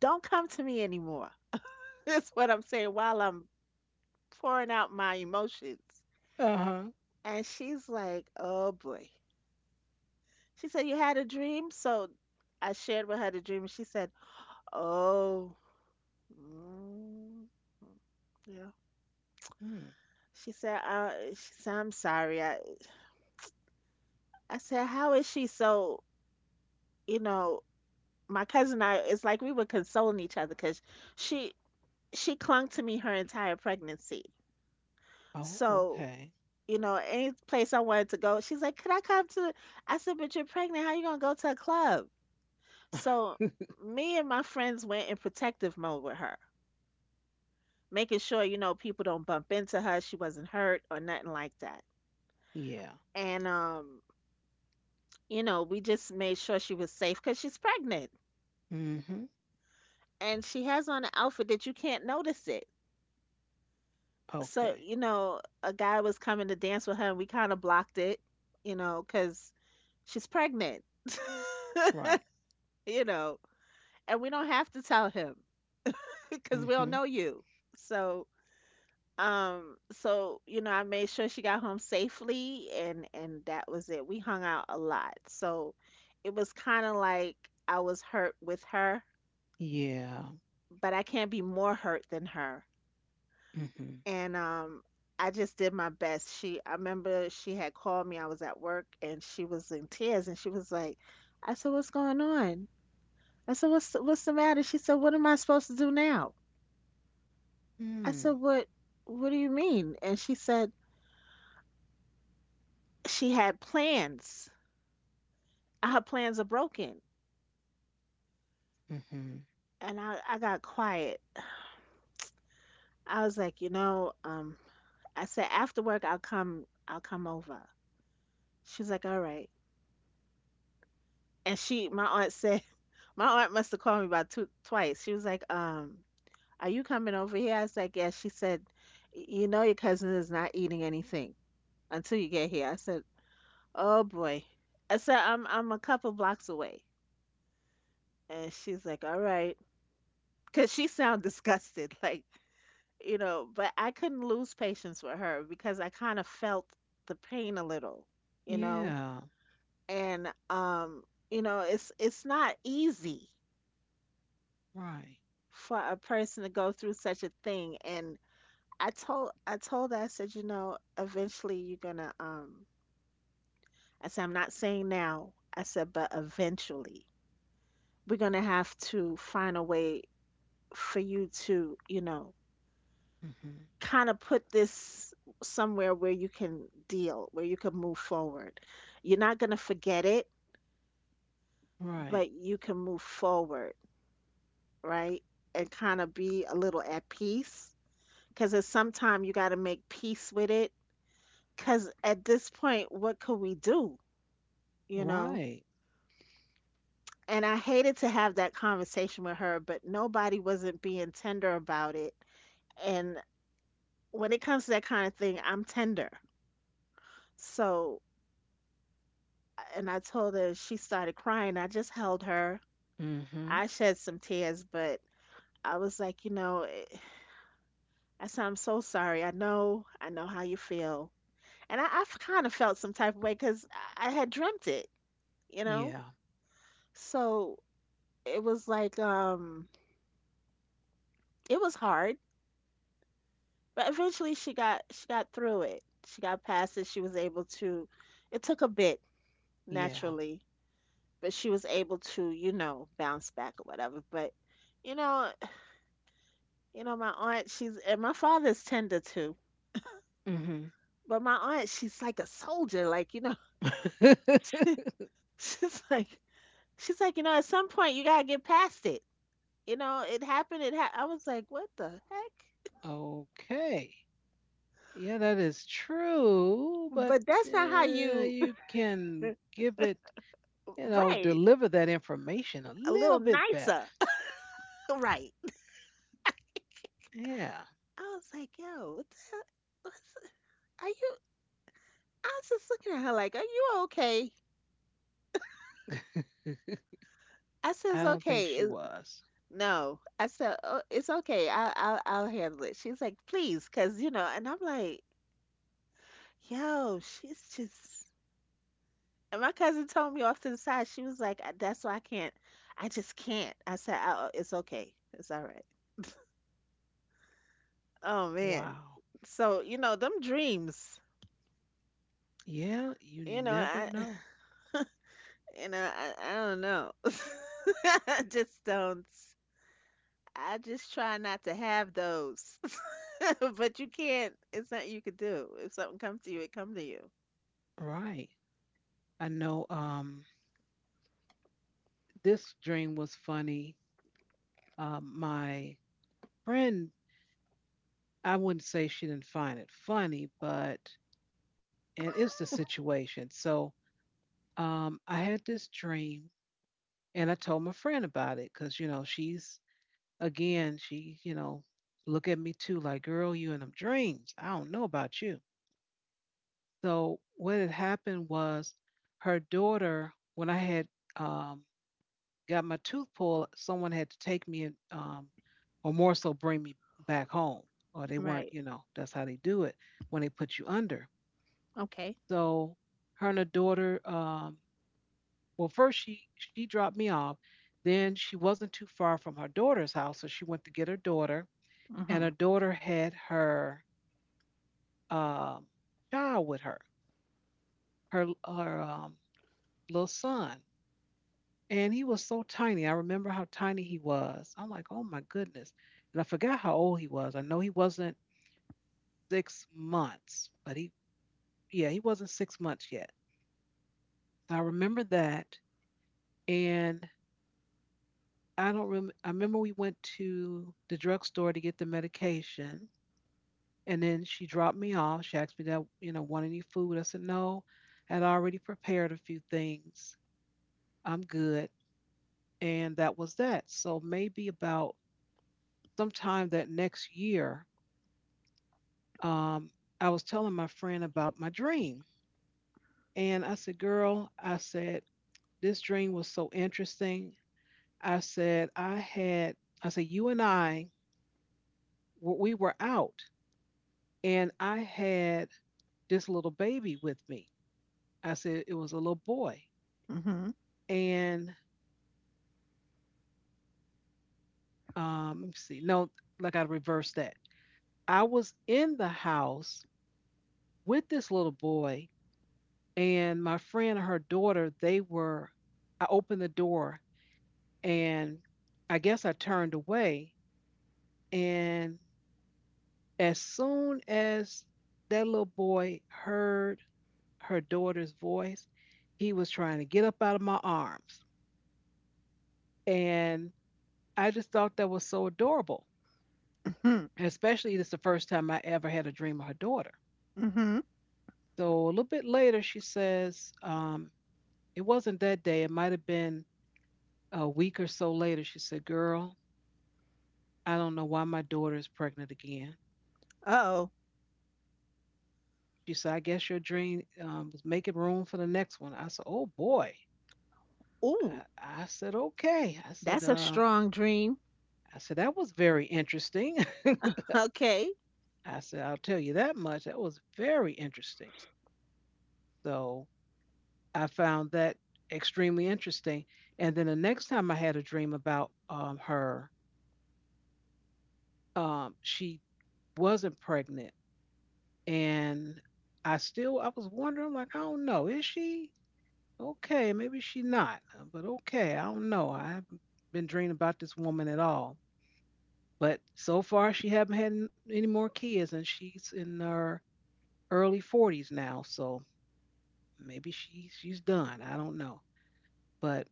[SPEAKER 2] Don't come to me anymore. (laughs) That's what I'm saying while I'm pouring out my emotions.
[SPEAKER 1] Uh-huh. (laughs)
[SPEAKER 2] And she's like, Oh boy. She said, You had a dream? So I shared with her the dream, and she said, Oh, mm, yeah.
[SPEAKER 1] Mm.
[SPEAKER 2] She said, I'm sorry. I said, How is she so, you know, my cousin and I, it's like we were consoling each other because she she clung to me her entire pregnancy.
[SPEAKER 1] Oh,
[SPEAKER 2] So
[SPEAKER 1] okay.
[SPEAKER 2] any place I wanted to go, she's like, "Could I come to?" I said, "But you're pregnant. How you gonna go to a club?" So
[SPEAKER 1] (laughs)
[SPEAKER 2] me and my friends went in protective mode with her, making sure people don't bump into her. She wasn't hurt or nothing like that.
[SPEAKER 1] Yeah.
[SPEAKER 2] And we just made sure she was safe because she's pregnant
[SPEAKER 1] Mm-hmm.
[SPEAKER 2] and she has on an outfit that you can't notice it. So
[SPEAKER 1] Okay.
[SPEAKER 2] a guy was coming to dance with her, and we kind of blocked it, because she's pregnant.
[SPEAKER 1] Right.
[SPEAKER 2] (laughs) you know and we don't have to tell him, (laughs) because we don't
[SPEAKER 1] Mm-hmm.
[SPEAKER 2] know you. So I made sure she got home safely, and that was it. We hung out a lot, so it was kind of like I was hurt with her,
[SPEAKER 1] Yeah.
[SPEAKER 2] but I can't be more hurt than her.
[SPEAKER 1] Mm-hmm.
[SPEAKER 2] And I just did my best. She I remember she had called me. I was at work and she was in tears and she was like, I said, "What's going on?" I said, "What's the matter?" She said, "What am I supposed to do now?" I said,
[SPEAKER 1] Mm.
[SPEAKER 2] "What do you mean?" And she said she had plans. Her plans are broken.
[SPEAKER 1] Mm-hmm.
[SPEAKER 2] And I got quiet. I was like, "You know, I said after work, I'll come over." She was like, "All right." And she my aunt said My aunt must have called me about two twice. She was like, are you coming over here? I was like, "Yes." She said, You know, your cousin is not eating anything until you get here. I said, oh boy. I said, I'm a couple blocks away. And she's like, all right. 'Cause she sounded disgusted, (laughs) like, but I couldn't lose patience with her because I kind of felt the pain a little, you know?
[SPEAKER 1] Yeah.
[SPEAKER 2] And it's not easy
[SPEAKER 1] Right.
[SPEAKER 2] for a person to go through such a thing. And I told her, I said, eventually you're gonna I said, I'm not saying now. I said, but eventually we're gonna have to find a way for you to,
[SPEAKER 1] Hmm.
[SPEAKER 2] kind of put this somewhere where you can deal, where you can move forward. You're not gonna forget it,
[SPEAKER 1] Right.
[SPEAKER 2] but you can move forward, right? And kind of be a little at peace. Because at some time you gotta make peace with it. Because at this point, what could we do? You know?
[SPEAKER 1] Right.
[SPEAKER 2] And I hated to have that conversation with her, but nobody wasn't being tender about it. And when it comes to that kind of thing, I'm tender. So, and I told her, she started crying. I just held her.
[SPEAKER 1] Hmm.
[SPEAKER 2] I shed some tears, but I was like, I said, I'm so sorry. I know how you feel. And I kind of felt some type of way because I had dreamt it, you know?
[SPEAKER 1] Yeah.
[SPEAKER 2] So it was like, it was hard. But eventually she got through it. She got past it. She was able to it took a bit
[SPEAKER 1] Yeah.
[SPEAKER 2] naturally, but she was able to, bounce back or whatever. But you know, you know my aunt, she's and my father's tender too.
[SPEAKER 1] Hmm.
[SPEAKER 2] But my aunt, she's like a soldier, like,
[SPEAKER 1] (laughs)
[SPEAKER 2] (laughs) she's like she's like, at some point you got to get past it. You know, it happened. I was like, what the heck?
[SPEAKER 1] Okay. Yeah, that is true, but
[SPEAKER 2] But that's not how you
[SPEAKER 1] you can give it, you know,
[SPEAKER 2] right.
[SPEAKER 1] deliver that information a
[SPEAKER 2] A little
[SPEAKER 1] little bit better.
[SPEAKER 2] nicer. (laughs) Right.
[SPEAKER 1] Yeah.
[SPEAKER 2] I was like, yo, what the hell? What's, are you? I was just looking at her like, are you okay?
[SPEAKER 1] (laughs)
[SPEAKER 2] I said,
[SPEAKER 1] I
[SPEAKER 2] it's
[SPEAKER 1] don't think
[SPEAKER 2] okay.
[SPEAKER 1] she was.
[SPEAKER 2] No, I said, oh, it's okay. I'll handle it. She's like, please, because, and I'm like, yo, she's just. And my cousin told me off to the side, she was like, That's why I can't. I just can't. I said, oh, it's okay. It's all right. Oh, man.
[SPEAKER 1] Wow.
[SPEAKER 2] So, them dreams,
[SPEAKER 1] Yeah, you
[SPEAKER 2] you know,
[SPEAKER 1] never
[SPEAKER 2] I,
[SPEAKER 1] know.
[SPEAKER 2] I don't know. (laughs) I just don't. I just try not to have those. (laughs) But you can't, it's not you could do. If something comes to you, it comes to you.
[SPEAKER 1] Right. I know this dream was funny. My friend, I wouldn't say she didn't find it funny, but and it's the situation. So I had this dream, and I told my friend about it because you know she's again she you know look at me too like girl you in them dreams. I don't know about you. So what had happened was her daughter when I had um, got my tooth pulled, someone had to take me and or more so bring me back home, or they weren't,
[SPEAKER 2] Right.
[SPEAKER 1] you know, that's how they do it when they put you under.
[SPEAKER 2] Okay.
[SPEAKER 1] So her and her daughter, well, first she dropped me off. Then she wasn't too far from her daughter's house, so she went to get her daughter, and
[SPEAKER 2] Mm-hmm.
[SPEAKER 1] her daughter had her um, child with her, her little son, and he was so tiny. I remember how tiny he was. I'm like, oh my goodness, and I forgot how old he was. I know he wasn't 6 months, but he wasn't 6 months yet. So I remember that. And I don't rem I remember we went to the drugstore to get the medication, and then she dropped me off. She asked me that, you know, want any food? I said, no, I had already prepared a few things. I'm good. And that was that. So maybe about sometime that next year, um, I was telling my friend about my dream. And I said, girl, I said, this dream was so interesting. I said, I had, I said, you and I, we were out and I had this little baby with me. I said it was a little boy.
[SPEAKER 2] Mm-hmm.
[SPEAKER 1] And let me see. No, like I reversed that. I was in the house with this little boy, and my friend and her daughter, they were, I opened the door, and I guess I turned away, and as soon as that little boy heard her daughter's voice, he was trying to get up out of my arms. And I just thought that was so adorable,
[SPEAKER 2] Mm-hmm.
[SPEAKER 1] especially it's the first time I ever had a dream of her daughter.
[SPEAKER 2] Mm-hmm.
[SPEAKER 1] So a little bit later, she says, it wasn't that day. It might have been a week or so later. She said, girl, I don't know why my daughter is pregnant again.
[SPEAKER 2] Uh-oh.
[SPEAKER 1] She said, I guess your dream was making room for the next one. I said, oh boy.
[SPEAKER 2] Ooh,
[SPEAKER 1] I said, okay.
[SPEAKER 2] that's a strong dream.
[SPEAKER 1] I said, that was very interesting. (laughs)
[SPEAKER 2] Okay.
[SPEAKER 1] I said, I'll tell you that much. That was very interesting. So I found that extremely interesting. And then the next time I had a dream about her, she wasn't pregnant, and I was wondering, like, I don't know, is she okay? Maybe she not, but okay, I don't know. I haven't been dreaming about this woman at all. But so far she haven't had any more kids, and she's in her early 40s now, so maybe she's done. I don't know. But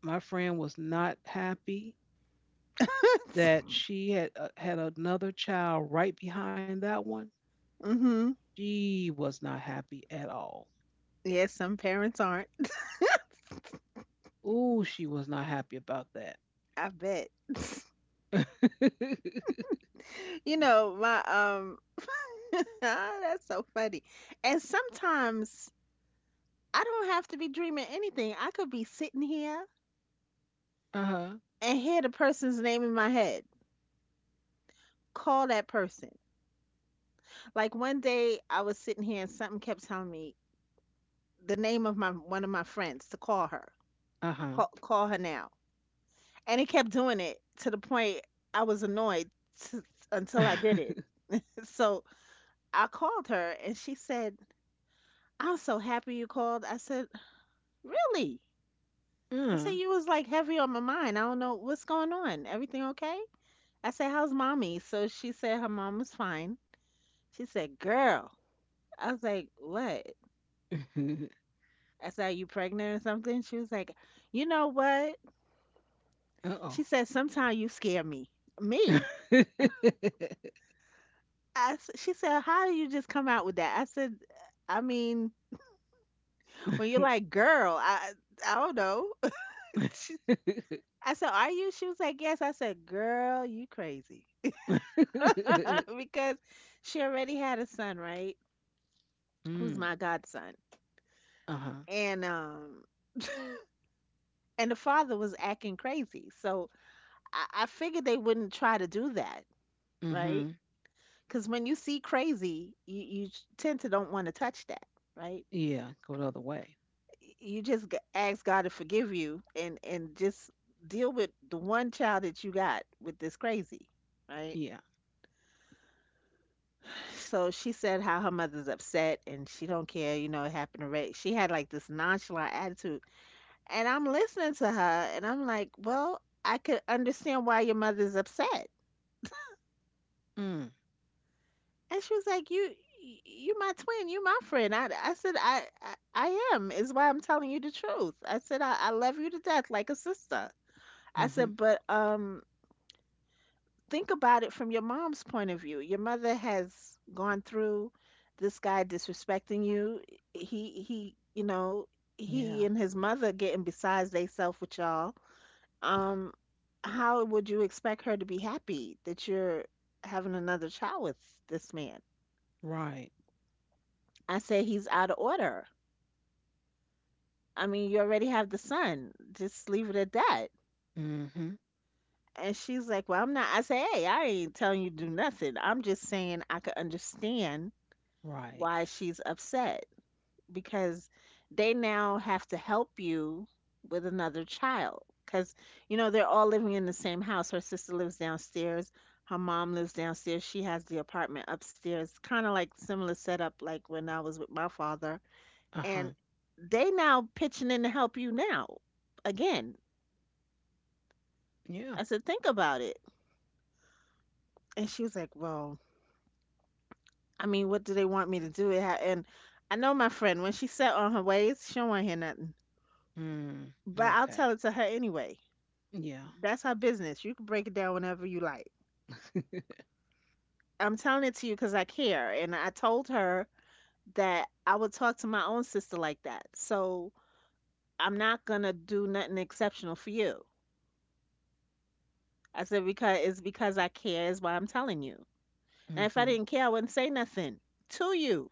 [SPEAKER 1] my friend was not happy that
[SPEAKER 2] (laughs)
[SPEAKER 1] she had had another child right behind that one,
[SPEAKER 2] Mm-hmm.
[SPEAKER 1] she was not happy at all.
[SPEAKER 2] Yes, some parents aren't. (laughs)
[SPEAKER 1] Ooh, she was not happy about that.
[SPEAKER 2] I bet. (laughs)
[SPEAKER 1] (laughs)
[SPEAKER 2] You know, my (laughs) ah, that's so funny. And sometimes I don't have to be dreaming anything. I could be sitting here
[SPEAKER 1] Uh-huh.
[SPEAKER 2] and hear the person's name in my head. Call that person. Like one day I was sitting here and something kept telling me the name of my one of my friends to call her.
[SPEAKER 1] Uh-huh.
[SPEAKER 2] Call her now. And it kept doing it to the point I was annoyed t- until I did
[SPEAKER 1] (laughs)
[SPEAKER 2] it. So I called her and she said, "I'm so happy you called." I said, "Really?" I said,
[SPEAKER 1] Uh.
[SPEAKER 2] "You was like heavy on my mind. I don't know what's going on. Everything okay?" I said, "How's mommy?" So she said her mom was fine. She said, "Girl, I was like, what? I said, are you pregnant or something? She was like, you know what?
[SPEAKER 1] (laughs)
[SPEAKER 2] She
[SPEAKER 1] Uh-oh.
[SPEAKER 2] said, sometimes you scare me. Me?
[SPEAKER 1] (laughs)
[SPEAKER 2] She said, how do you just come out with that? I said, I mean, when you're like, girl, I don't know. (laughs) She, I said, are you? She was like, yes. I said, girl, you crazy. (laughs) because she already had a son, right? Who's
[SPEAKER 1] Mm.
[SPEAKER 2] my godson.
[SPEAKER 1] Uh-huh.
[SPEAKER 2] And, um, and the father was acting crazy. So I figured they wouldn't try to do that, right?
[SPEAKER 1] Mm-hmm.
[SPEAKER 2] Because when you see crazy, you tend to don't want to touch that, right?
[SPEAKER 1] Yeah, go the other way.
[SPEAKER 2] You just ask God to forgive you, and just deal with the one child that you got with this crazy, right?
[SPEAKER 1] Yeah.
[SPEAKER 2] So she said how her mother's upset and she don't care, it happened to Ray. She had like this nonchalant attitude. And I'm listening to her and I'm like, well, I could understand why your mother's upset.
[SPEAKER 1] Mm.
[SPEAKER 2] And she was like, "You my twin. You my friend." I said, "I am. Is why I'm telling you the truth." I said, "I love you to death, like a sister." I
[SPEAKER 1] Mm-hmm.
[SPEAKER 2] said, "But think about it from your mom's point of view. Your mother has gone through this guy disrespecting you. He, he, you know,
[SPEAKER 1] Yeah.
[SPEAKER 2] he and his mother getting besides theyself with y'all. Um, how would you expect her to be happy that you're having another child with this man?"
[SPEAKER 1] Right.
[SPEAKER 2] I said, "He's out of order." I mean, you already have the son. Just leave it at that.
[SPEAKER 1] Mm-hmm.
[SPEAKER 2] And she's like, well, I'm not. I say, hey, I ain't telling you to do nothing. I'm just saying I could understand
[SPEAKER 1] Right.
[SPEAKER 2] why she's upset, because they now have to help you with another child. Because, they're all living in the same house. Her sister lives downstairs. Her mom lives downstairs. She has the apartment upstairs. Kind of like similar setup like when I was with my father.
[SPEAKER 1] Uh-huh.
[SPEAKER 2] And they now pitching in to help you now again.
[SPEAKER 1] Yeah.
[SPEAKER 2] I said, think about it. And she was like, well, I mean, what do they want me to do? And I know my friend, when she's set on her ways, she don't want to hear nothing.
[SPEAKER 1] Mm,
[SPEAKER 2] But I'll
[SPEAKER 1] okay.
[SPEAKER 2] tell it to her anyway.
[SPEAKER 1] Yeah.
[SPEAKER 2] That's her business. You can break it down whenever you like.
[SPEAKER 1] (laughs)
[SPEAKER 2] I'm telling it to you because I care. And I told her that I would talk to my own sister like that. So I'm not going to do nothing exceptional for you. I said, because it's because I care is why I'm telling you. And if I
[SPEAKER 1] Hmm.
[SPEAKER 2] didn't care, I wouldn't say nothing to you.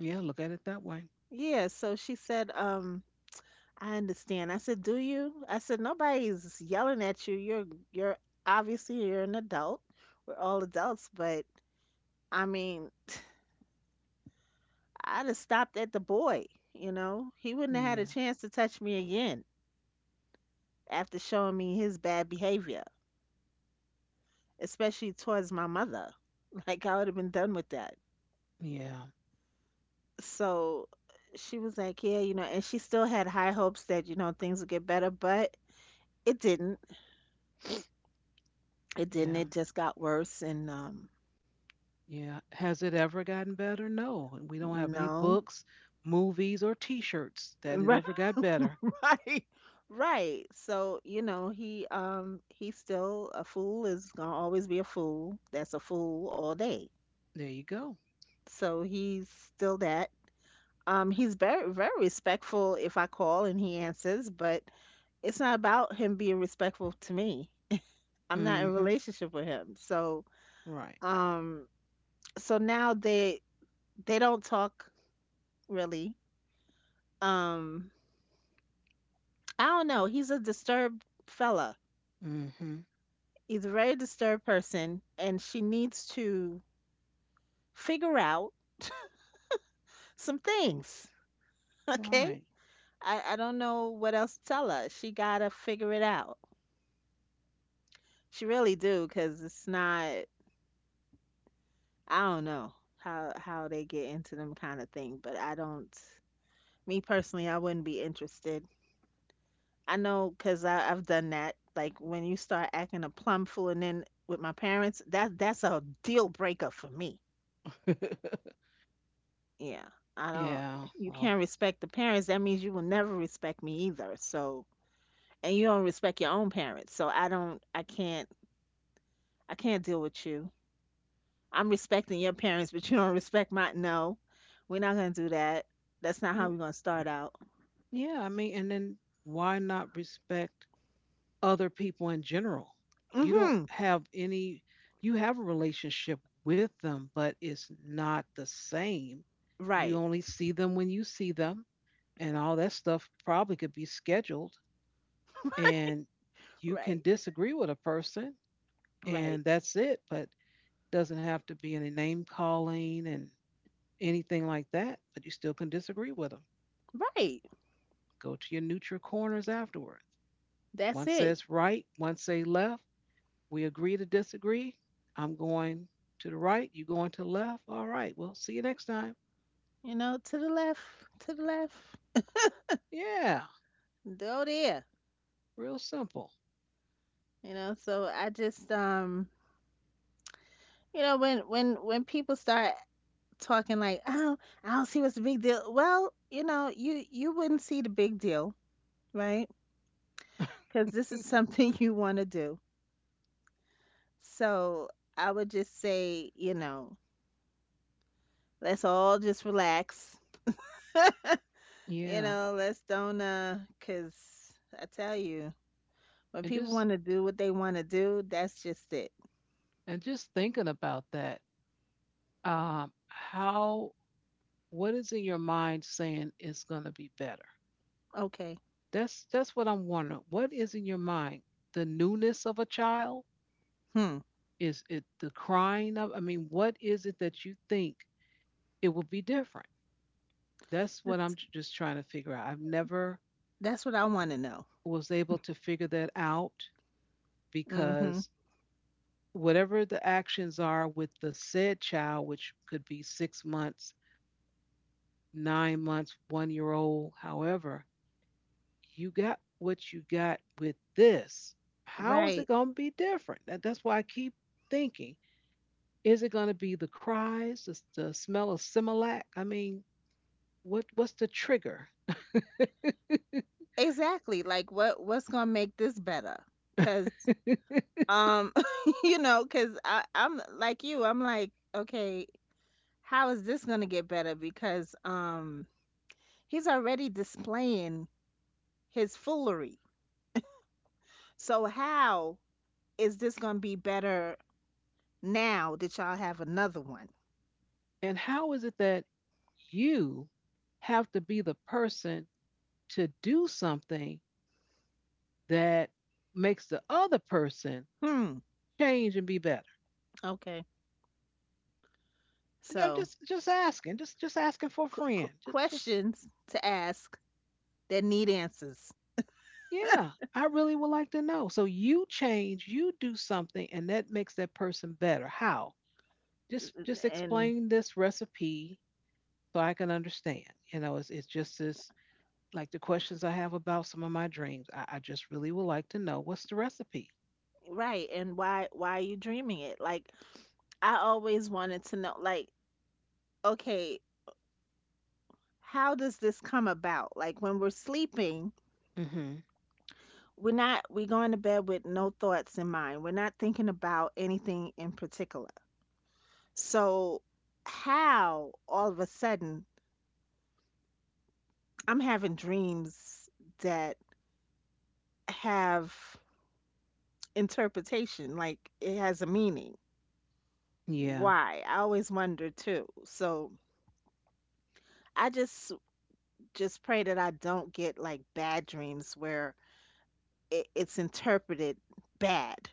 [SPEAKER 1] Yeah, look at it that way.
[SPEAKER 2] Yeah, so she said, I understand. I said, "Do you?" I said, "Nobody's yelling at you. You're obviously you're an adult. We're all adults, but I mean, I'd have stopped at the boy, you know? He wouldn't have had a
[SPEAKER 1] Yeah,
[SPEAKER 2] chance to touch me again after showing me his bad behavior, especially towards my mother. (laughs) Like I would have been done with that."
[SPEAKER 1] yeah,
[SPEAKER 2] So she was like, "Yeah, you know," and she still had high hopes that, you know, things would get better, but it didn't. It didn't.
[SPEAKER 1] yeah,
[SPEAKER 2] It just got worse and
[SPEAKER 1] yeah. Has it ever gotten better? No. We don't have any
[SPEAKER 2] no.
[SPEAKER 1] books, movies, or T-shirts that it ever
[SPEAKER 2] (laughs)
[SPEAKER 1] got better.
[SPEAKER 2] Right. Right. So, you know, he he's still a fool is gonna always be a fool. That's a fool all day.
[SPEAKER 1] There you go.
[SPEAKER 2] So he's still that. He's very respectful if I call and he answers, but it's not about him being respectful to me. I'm not in a
[SPEAKER 1] Mm-hmm.
[SPEAKER 2] relationship with him. So
[SPEAKER 1] Right.
[SPEAKER 2] um so now they don't talk really. Um I don't know. He's a disturbed fella.
[SPEAKER 1] Mm-hmm.
[SPEAKER 2] He's a very disturbed person and she needs to figure out some things. (laughs) Okay?
[SPEAKER 1] Right.
[SPEAKER 2] I don't know what else to tell her. She gotta figure it out. She really do, cause it's not. I don't know how they get into them kind of thing, but I don't. Me personally, I wouldn't be interested. I know, cause I've done that. Like when you start acting a plum fool, and then with my parents, that's a deal breaker for me.
[SPEAKER 1] (laughs)
[SPEAKER 2] Yeah, I don't.
[SPEAKER 1] Yeah.
[SPEAKER 2] You
[SPEAKER 1] Well.
[SPEAKER 2] can't respect the parents. That means you will never respect me either. So and you don't respect your own parents. So I can't deal with you. I'm respecting your parents, but you don't respect my. No, we're not gonna do that. That's not
[SPEAKER 1] Mm,
[SPEAKER 2] how we're gonna start out.
[SPEAKER 1] yeah. I mean, and then why not respect other people in general? You don't
[SPEAKER 2] Mm-hmm.
[SPEAKER 1] have any, you have a relationship with them, but it's not the same. You
[SPEAKER 2] Right.
[SPEAKER 1] only see them when you see them, and all that stuff probably could be scheduled.
[SPEAKER 2] (laughs)
[SPEAKER 1] And you can
[SPEAKER 2] Right.
[SPEAKER 1] disagree with a person,
[SPEAKER 2] Right.
[SPEAKER 1] and that's it, but doesn't have to be any name calling and anything like that. But you still can disagree with them.
[SPEAKER 2] Right.
[SPEAKER 1] Go to your neutral corners afterward. One
[SPEAKER 2] That's it.
[SPEAKER 1] says right, one say left, we agree to disagree. I'm going to the right. You going to the left. All right. Well, see you next time.
[SPEAKER 2] You know, to the left, to the left.
[SPEAKER 1] Yeah.
[SPEAKER 2] Go there.
[SPEAKER 1] Real simple.
[SPEAKER 2] You know, so I just you know, when people start talking like, oh, I don't see what's the big deal well, you know, you wouldn't see the big deal, right?
[SPEAKER 1] (laughs)
[SPEAKER 2] Because this is (laughs) something you want to do. So I would just say, you know, let's all just relax. You
[SPEAKER 1] Yeah.
[SPEAKER 2] know, let's don't, because I tell you, when
[SPEAKER 1] And
[SPEAKER 2] people
[SPEAKER 1] just
[SPEAKER 2] want to do what they want to do, that's just it.
[SPEAKER 1] and just thinking about that. How, what is in your mind saying it's gonna be better?
[SPEAKER 2] Okay.
[SPEAKER 1] That's what I'm wondering. What is in your mind? The newness of a child?
[SPEAKER 2] Hmm.
[SPEAKER 1] Is it the crying of, I mean, what is it that you think it will be different? That's what I'm
[SPEAKER 2] This,
[SPEAKER 1] just trying to figure out. I've never
[SPEAKER 2] that's what I want to know.
[SPEAKER 1] was able to figure that out,
[SPEAKER 2] Mm-hmm.
[SPEAKER 1] because whatever the actions are with the said child, which could be 6 months, 9 months, 1 year old, however, you got what you got with this. How is it
[SPEAKER 2] Right.
[SPEAKER 1] going to be different? That, that's why I keep thinking, is it going to be the cries, the smell of Similac? I mean, what what's the trigger?
[SPEAKER 2] Exactly. Like, what what's gonna make this better? Cause,
[SPEAKER 1] (laughs)
[SPEAKER 2] um, (laughs) you know, cause I I'm like you. I'm like, okay, how is this gonna get better? Because, he's already displaying his foolery. So how is this going to be better now that y'all have another one?
[SPEAKER 1] And how is it that you have to be the person to do something that makes the other person
[SPEAKER 2] Hmm.
[SPEAKER 1] change and be better?
[SPEAKER 2] Okay.
[SPEAKER 1] You know,
[SPEAKER 2] So
[SPEAKER 1] just asking for a friend. Just,
[SPEAKER 2] questions to ask that need answers,
[SPEAKER 1] yeah, I really would like to know. So you change, you do something, and that makes that person better. How? Just
[SPEAKER 2] and
[SPEAKER 1] explain this recipe so I can understand. You know, it's just this, like the questions I have about some of my dreams. I just really would like to know what's the recipe.
[SPEAKER 2] right, and why are you dreaming it? Like I always wanted to know, like, okay, how does this come about? Like when we're sleeping,
[SPEAKER 1] Hmm.
[SPEAKER 2] we're not we're going to bed with no thoughts in mind. We're not thinking about anything in particular. So, how all of a sudden I'm having dreams that have interpretation, like it has a meaning.
[SPEAKER 1] Yeah,
[SPEAKER 2] Why? I always wonder too. So, I just pray that I don't get like bad dreams where it's interpreted bad,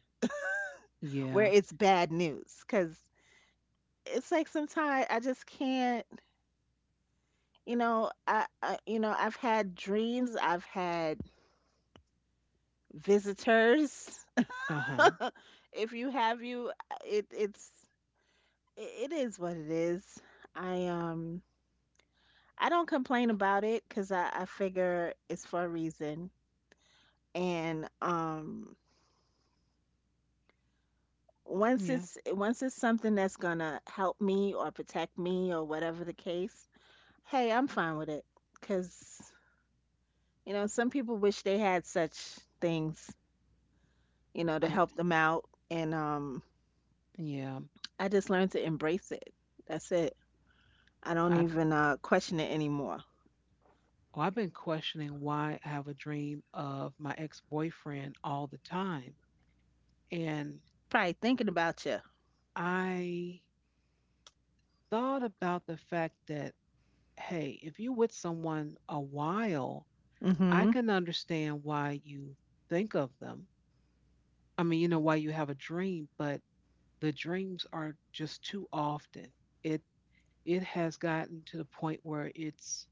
[SPEAKER 2] where
[SPEAKER 1] yeah,
[SPEAKER 2] it's bad news, because it's like sometimes I just can't, you know, I've had dreams, I've had visitors
[SPEAKER 1] uh huh,
[SPEAKER 2] if you have you it it's it is what it is. I I don't complain about it because I figure it's for a reason and
[SPEAKER 1] yeah.
[SPEAKER 2] once it's something that's gonna help me or protect me or whatever the case, hey, I'm fine with it because you know some people wish they had such things, you know, to
[SPEAKER 1] I,
[SPEAKER 2] help them out and
[SPEAKER 1] yeah.
[SPEAKER 2] I just learned to embrace it. That's it. I don't
[SPEAKER 1] I,
[SPEAKER 2] even question it anymore.
[SPEAKER 1] oh, I've been questioning why I have a dream of my ex boyfriend all the time. And
[SPEAKER 2] Probably thinking about you.
[SPEAKER 1] I thought about the fact that, hey, if you're with someone a while, I
[SPEAKER 2] Mm-hmm.
[SPEAKER 1] can understand why you think of them. I mean, you know, why you have a dream, but the dreams are just too often. It it has gotten to the point where it's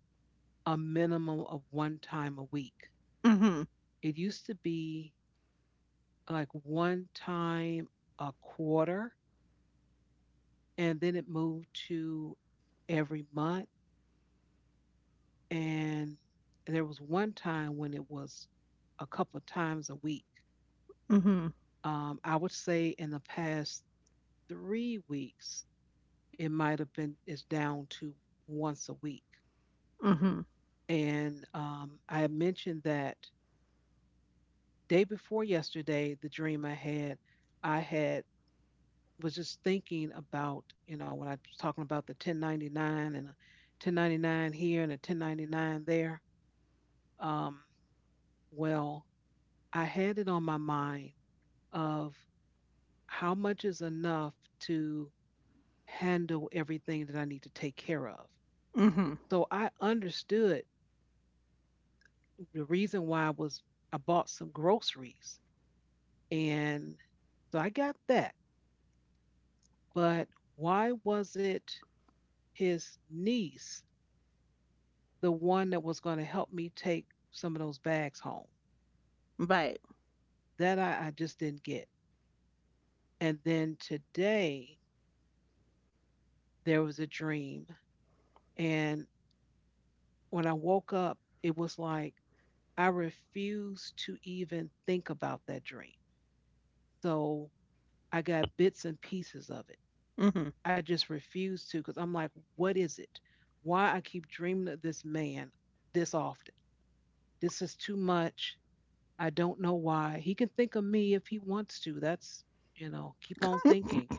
[SPEAKER 1] a minimum of one time a week.
[SPEAKER 2] Mm-hmm.
[SPEAKER 1] It used to be like one time a quarter, and then it moved to every month. And there was one time when it was a couple of times a week.
[SPEAKER 2] Mm-hmm.
[SPEAKER 1] I would say in the past 3 weeks, it might have been is down to once a week.
[SPEAKER 2] Mm-hmm.
[SPEAKER 1] And I mentioned that day before yesterday, the dream I had, I had was just thinking about, you know, when I was talking about the 1099 and a 1099 here and a 1099 there. Um, well, I had it on my mind of how much is enough to handle everything that I need to take care of.
[SPEAKER 2] Mm-hmm.
[SPEAKER 1] So I understood the reason why I bought some groceries, and so I got that. But why was it his niece the one that was going to help me take some of those bags home?
[SPEAKER 2] Right.
[SPEAKER 1] That I just didn't get. And then today, there was a dream. And when I woke up, it was like I refused to even think about that dream. So I got bits and pieces of it.
[SPEAKER 2] Mm-hmm.
[SPEAKER 1] I just refused to because I'm like, what is it? Why I keep dreaming of this man this often? This is too much. I don't know why. He can think of me if he wants to. That's, you know, keep on thinking.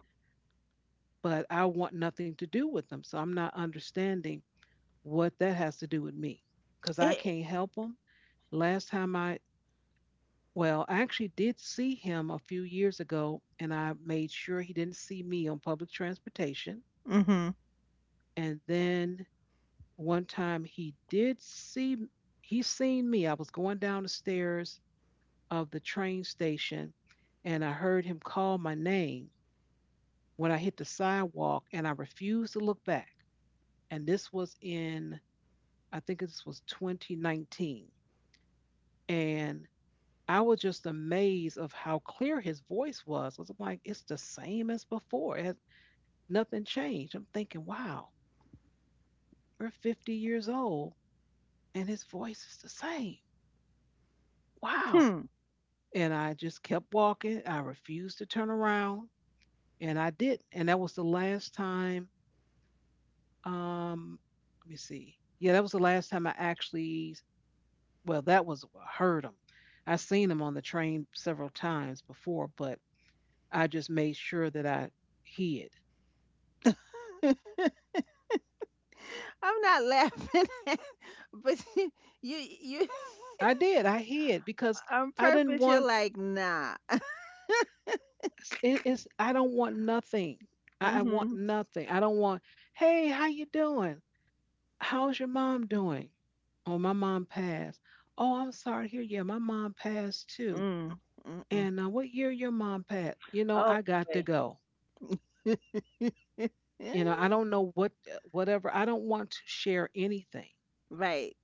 [SPEAKER 1] But I want nothing to do with them. So I'm not understanding what that has to do with me because I
[SPEAKER 2] It,
[SPEAKER 1] can't help him. Last time I, well, I actually did see him a few years ago and I made sure he didn't see me on public transportation.
[SPEAKER 2] mm-hmm.
[SPEAKER 1] And then one time he seen me. I was going down the stairs of the train station and I heard him call my name when I hit the sidewalk and I refused to look back. And this was in, I think this was 2019. And I was just amazed of how clear his voice was. I was like, it's the same as before. It has, nothing changed. I'm thinking, wow, we're 50 years old and his voice is the same. Wow.
[SPEAKER 2] Hmm.
[SPEAKER 1] And I just kept walking. I refused to turn around, and I did. And that was the last time, um, let me see. Yeah, that was the last time I actually, well, that was I heard him. I seen him on the train several times before, but I just made sure that I hid.
[SPEAKER 2] (laughs) I'm not laughing, (laughs) but (laughs) you, you,
[SPEAKER 1] I did. I hid because
[SPEAKER 2] (laughs) on
[SPEAKER 1] I didn't
[SPEAKER 2] purpose, you're
[SPEAKER 1] want.
[SPEAKER 2] like, nah. (laughs)
[SPEAKER 1] It's, I don't want nothing. I want
[SPEAKER 2] Mm-hmm.
[SPEAKER 1] nothing. I don't want. Hey, how you doing? How's your mom doing? Oh, my mom passed. Oh, I'm sorry to hear. Yeah, my mom passed too.
[SPEAKER 2] Mm. Mm-mm.
[SPEAKER 1] And what year your mom passed? You know,
[SPEAKER 2] Oh,
[SPEAKER 1] I got to go.
[SPEAKER 2] boy. (laughs)
[SPEAKER 1] You know, I don't know what, whatever. I don't want to share anything.
[SPEAKER 2] Right.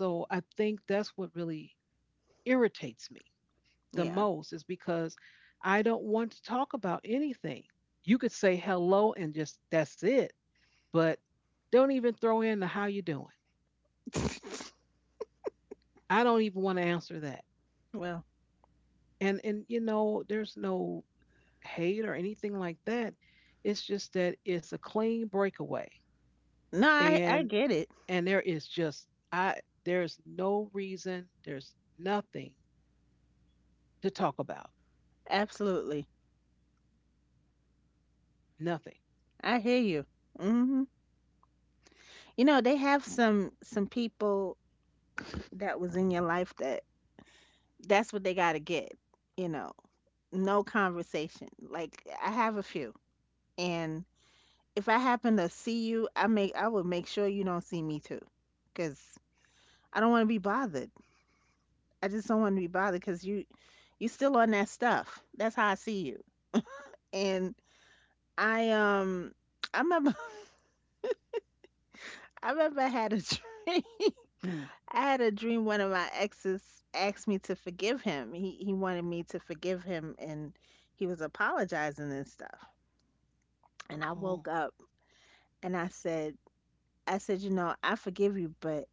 [SPEAKER 1] So I think that's what really irritates me the
[SPEAKER 2] Yeah.
[SPEAKER 1] most is because I don't want to talk about anything. You could say hello and just that's it, but don't even throw in the how you doing. I don't even want to answer that.
[SPEAKER 2] Well,
[SPEAKER 1] And you know, there's no hate or anything like that. It's just that it's a clean breakaway.
[SPEAKER 2] no, I
[SPEAKER 1] And
[SPEAKER 2] get it.
[SPEAKER 1] and there is just I there's no reason, there's nothing to talk about.
[SPEAKER 2] Absolutely.
[SPEAKER 1] Nothing.
[SPEAKER 2] I hear you. Hmm. You know, they have some people that was in your life that that's what they got to get, you know. No conversation. Like I have a few. And if I happen to see you, I would make sure you don't see me too, cuz I don't want to be bothered. I just don't want to be bothered cuz you still on that stuff. That's how I see you. And I I remember (laughs) I remember I had a (laughs) dream.
[SPEAKER 1] Mm.
[SPEAKER 2] I had a dream one of my exes asked me to forgive him. He wanted me to forgive him and he was apologizing and stuff. And I woke
[SPEAKER 1] Oh.
[SPEAKER 2] up and I said, "You know, I forgive you, but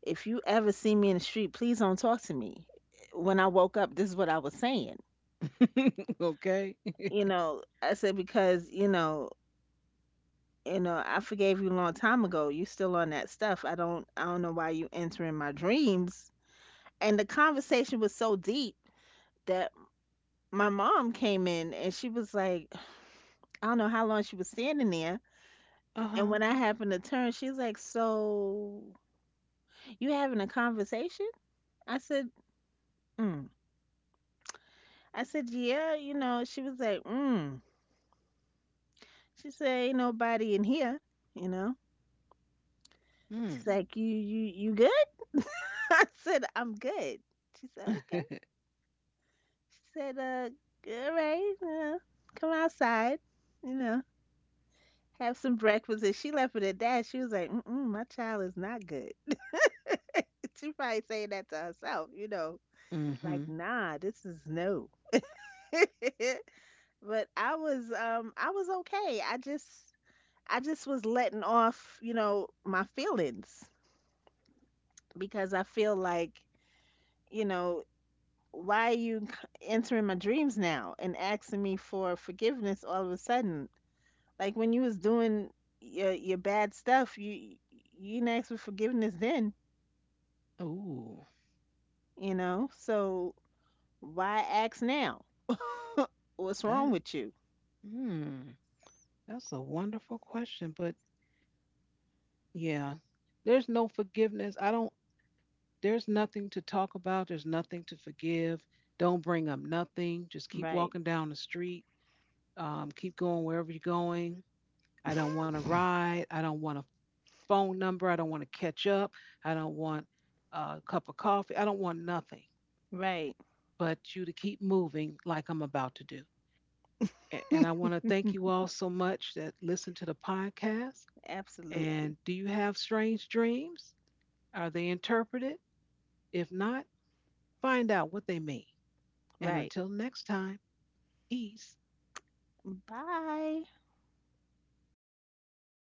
[SPEAKER 2] if you ever see me in the street, please don't talk to me." When I woke up, this is what I was saying.
[SPEAKER 1] (laughs) Okay.
[SPEAKER 2] You
[SPEAKER 1] (laughs)
[SPEAKER 2] know, I said because, you know, I forgave you a long time ago. You still on that stuff. I don't know why you entering my dreams. And the conversation was so deep that my mom came in and she was like, I don't know how long she was standing there.
[SPEAKER 1] Uh
[SPEAKER 2] And
[SPEAKER 1] huh.
[SPEAKER 2] when I happened to turn, she's like, so you having a conversation? I said, mm. I said, yeah, you know, she was like, mm. She said, ain't nobody in here, you know. She's
[SPEAKER 1] Mm.
[SPEAKER 2] like, you good? (laughs) I said, I'm good. She said, okay.
[SPEAKER 1] (laughs)
[SPEAKER 2] She said, all right, come outside, you know, have some breakfast. And she left it at that. She was like, mm-mm, my child is not good. (laughs) She probably saying that to herself, you know, like,
[SPEAKER 1] Mm-hmm.
[SPEAKER 2] nah, this is no. (laughs) But I was okay. I just was letting off, you know, my feelings because I feel like, you know, why are you entering my dreams now and asking me for forgiveness all of a sudden? Like when you was doing your bad stuff, you didn't ask for forgiveness then,
[SPEAKER 1] Ooh,
[SPEAKER 2] you know? So why ask now? (laughs) What's wrong
[SPEAKER 1] that.
[SPEAKER 2] with you?
[SPEAKER 1] Hmm. That's a wonderful question, but yeah, there's no forgiveness. I don't. There's nothing to talk about. There's nothing to forgive. Don't bring up nothing. Just keep
[SPEAKER 2] Right.
[SPEAKER 1] walking down the street. Keep going wherever you're going. I don't
[SPEAKER 2] (laughs)
[SPEAKER 1] want a ride. I don't want a phone number. I don't want to catch up. I don't want a cup of coffee. I don't want nothing,
[SPEAKER 2] Right.
[SPEAKER 1] but you to keep moving like I'm about to do. And I
[SPEAKER 2] (laughs)
[SPEAKER 1] want to thank you all so much that listen to the podcast. And
[SPEAKER 2] Absolutely.
[SPEAKER 1] do you have strange dreams? Are they interpreted? If not, find out what they mean. And
[SPEAKER 2] Right.
[SPEAKER 1] until next time, peace.
[SPEAKER 2] Bye.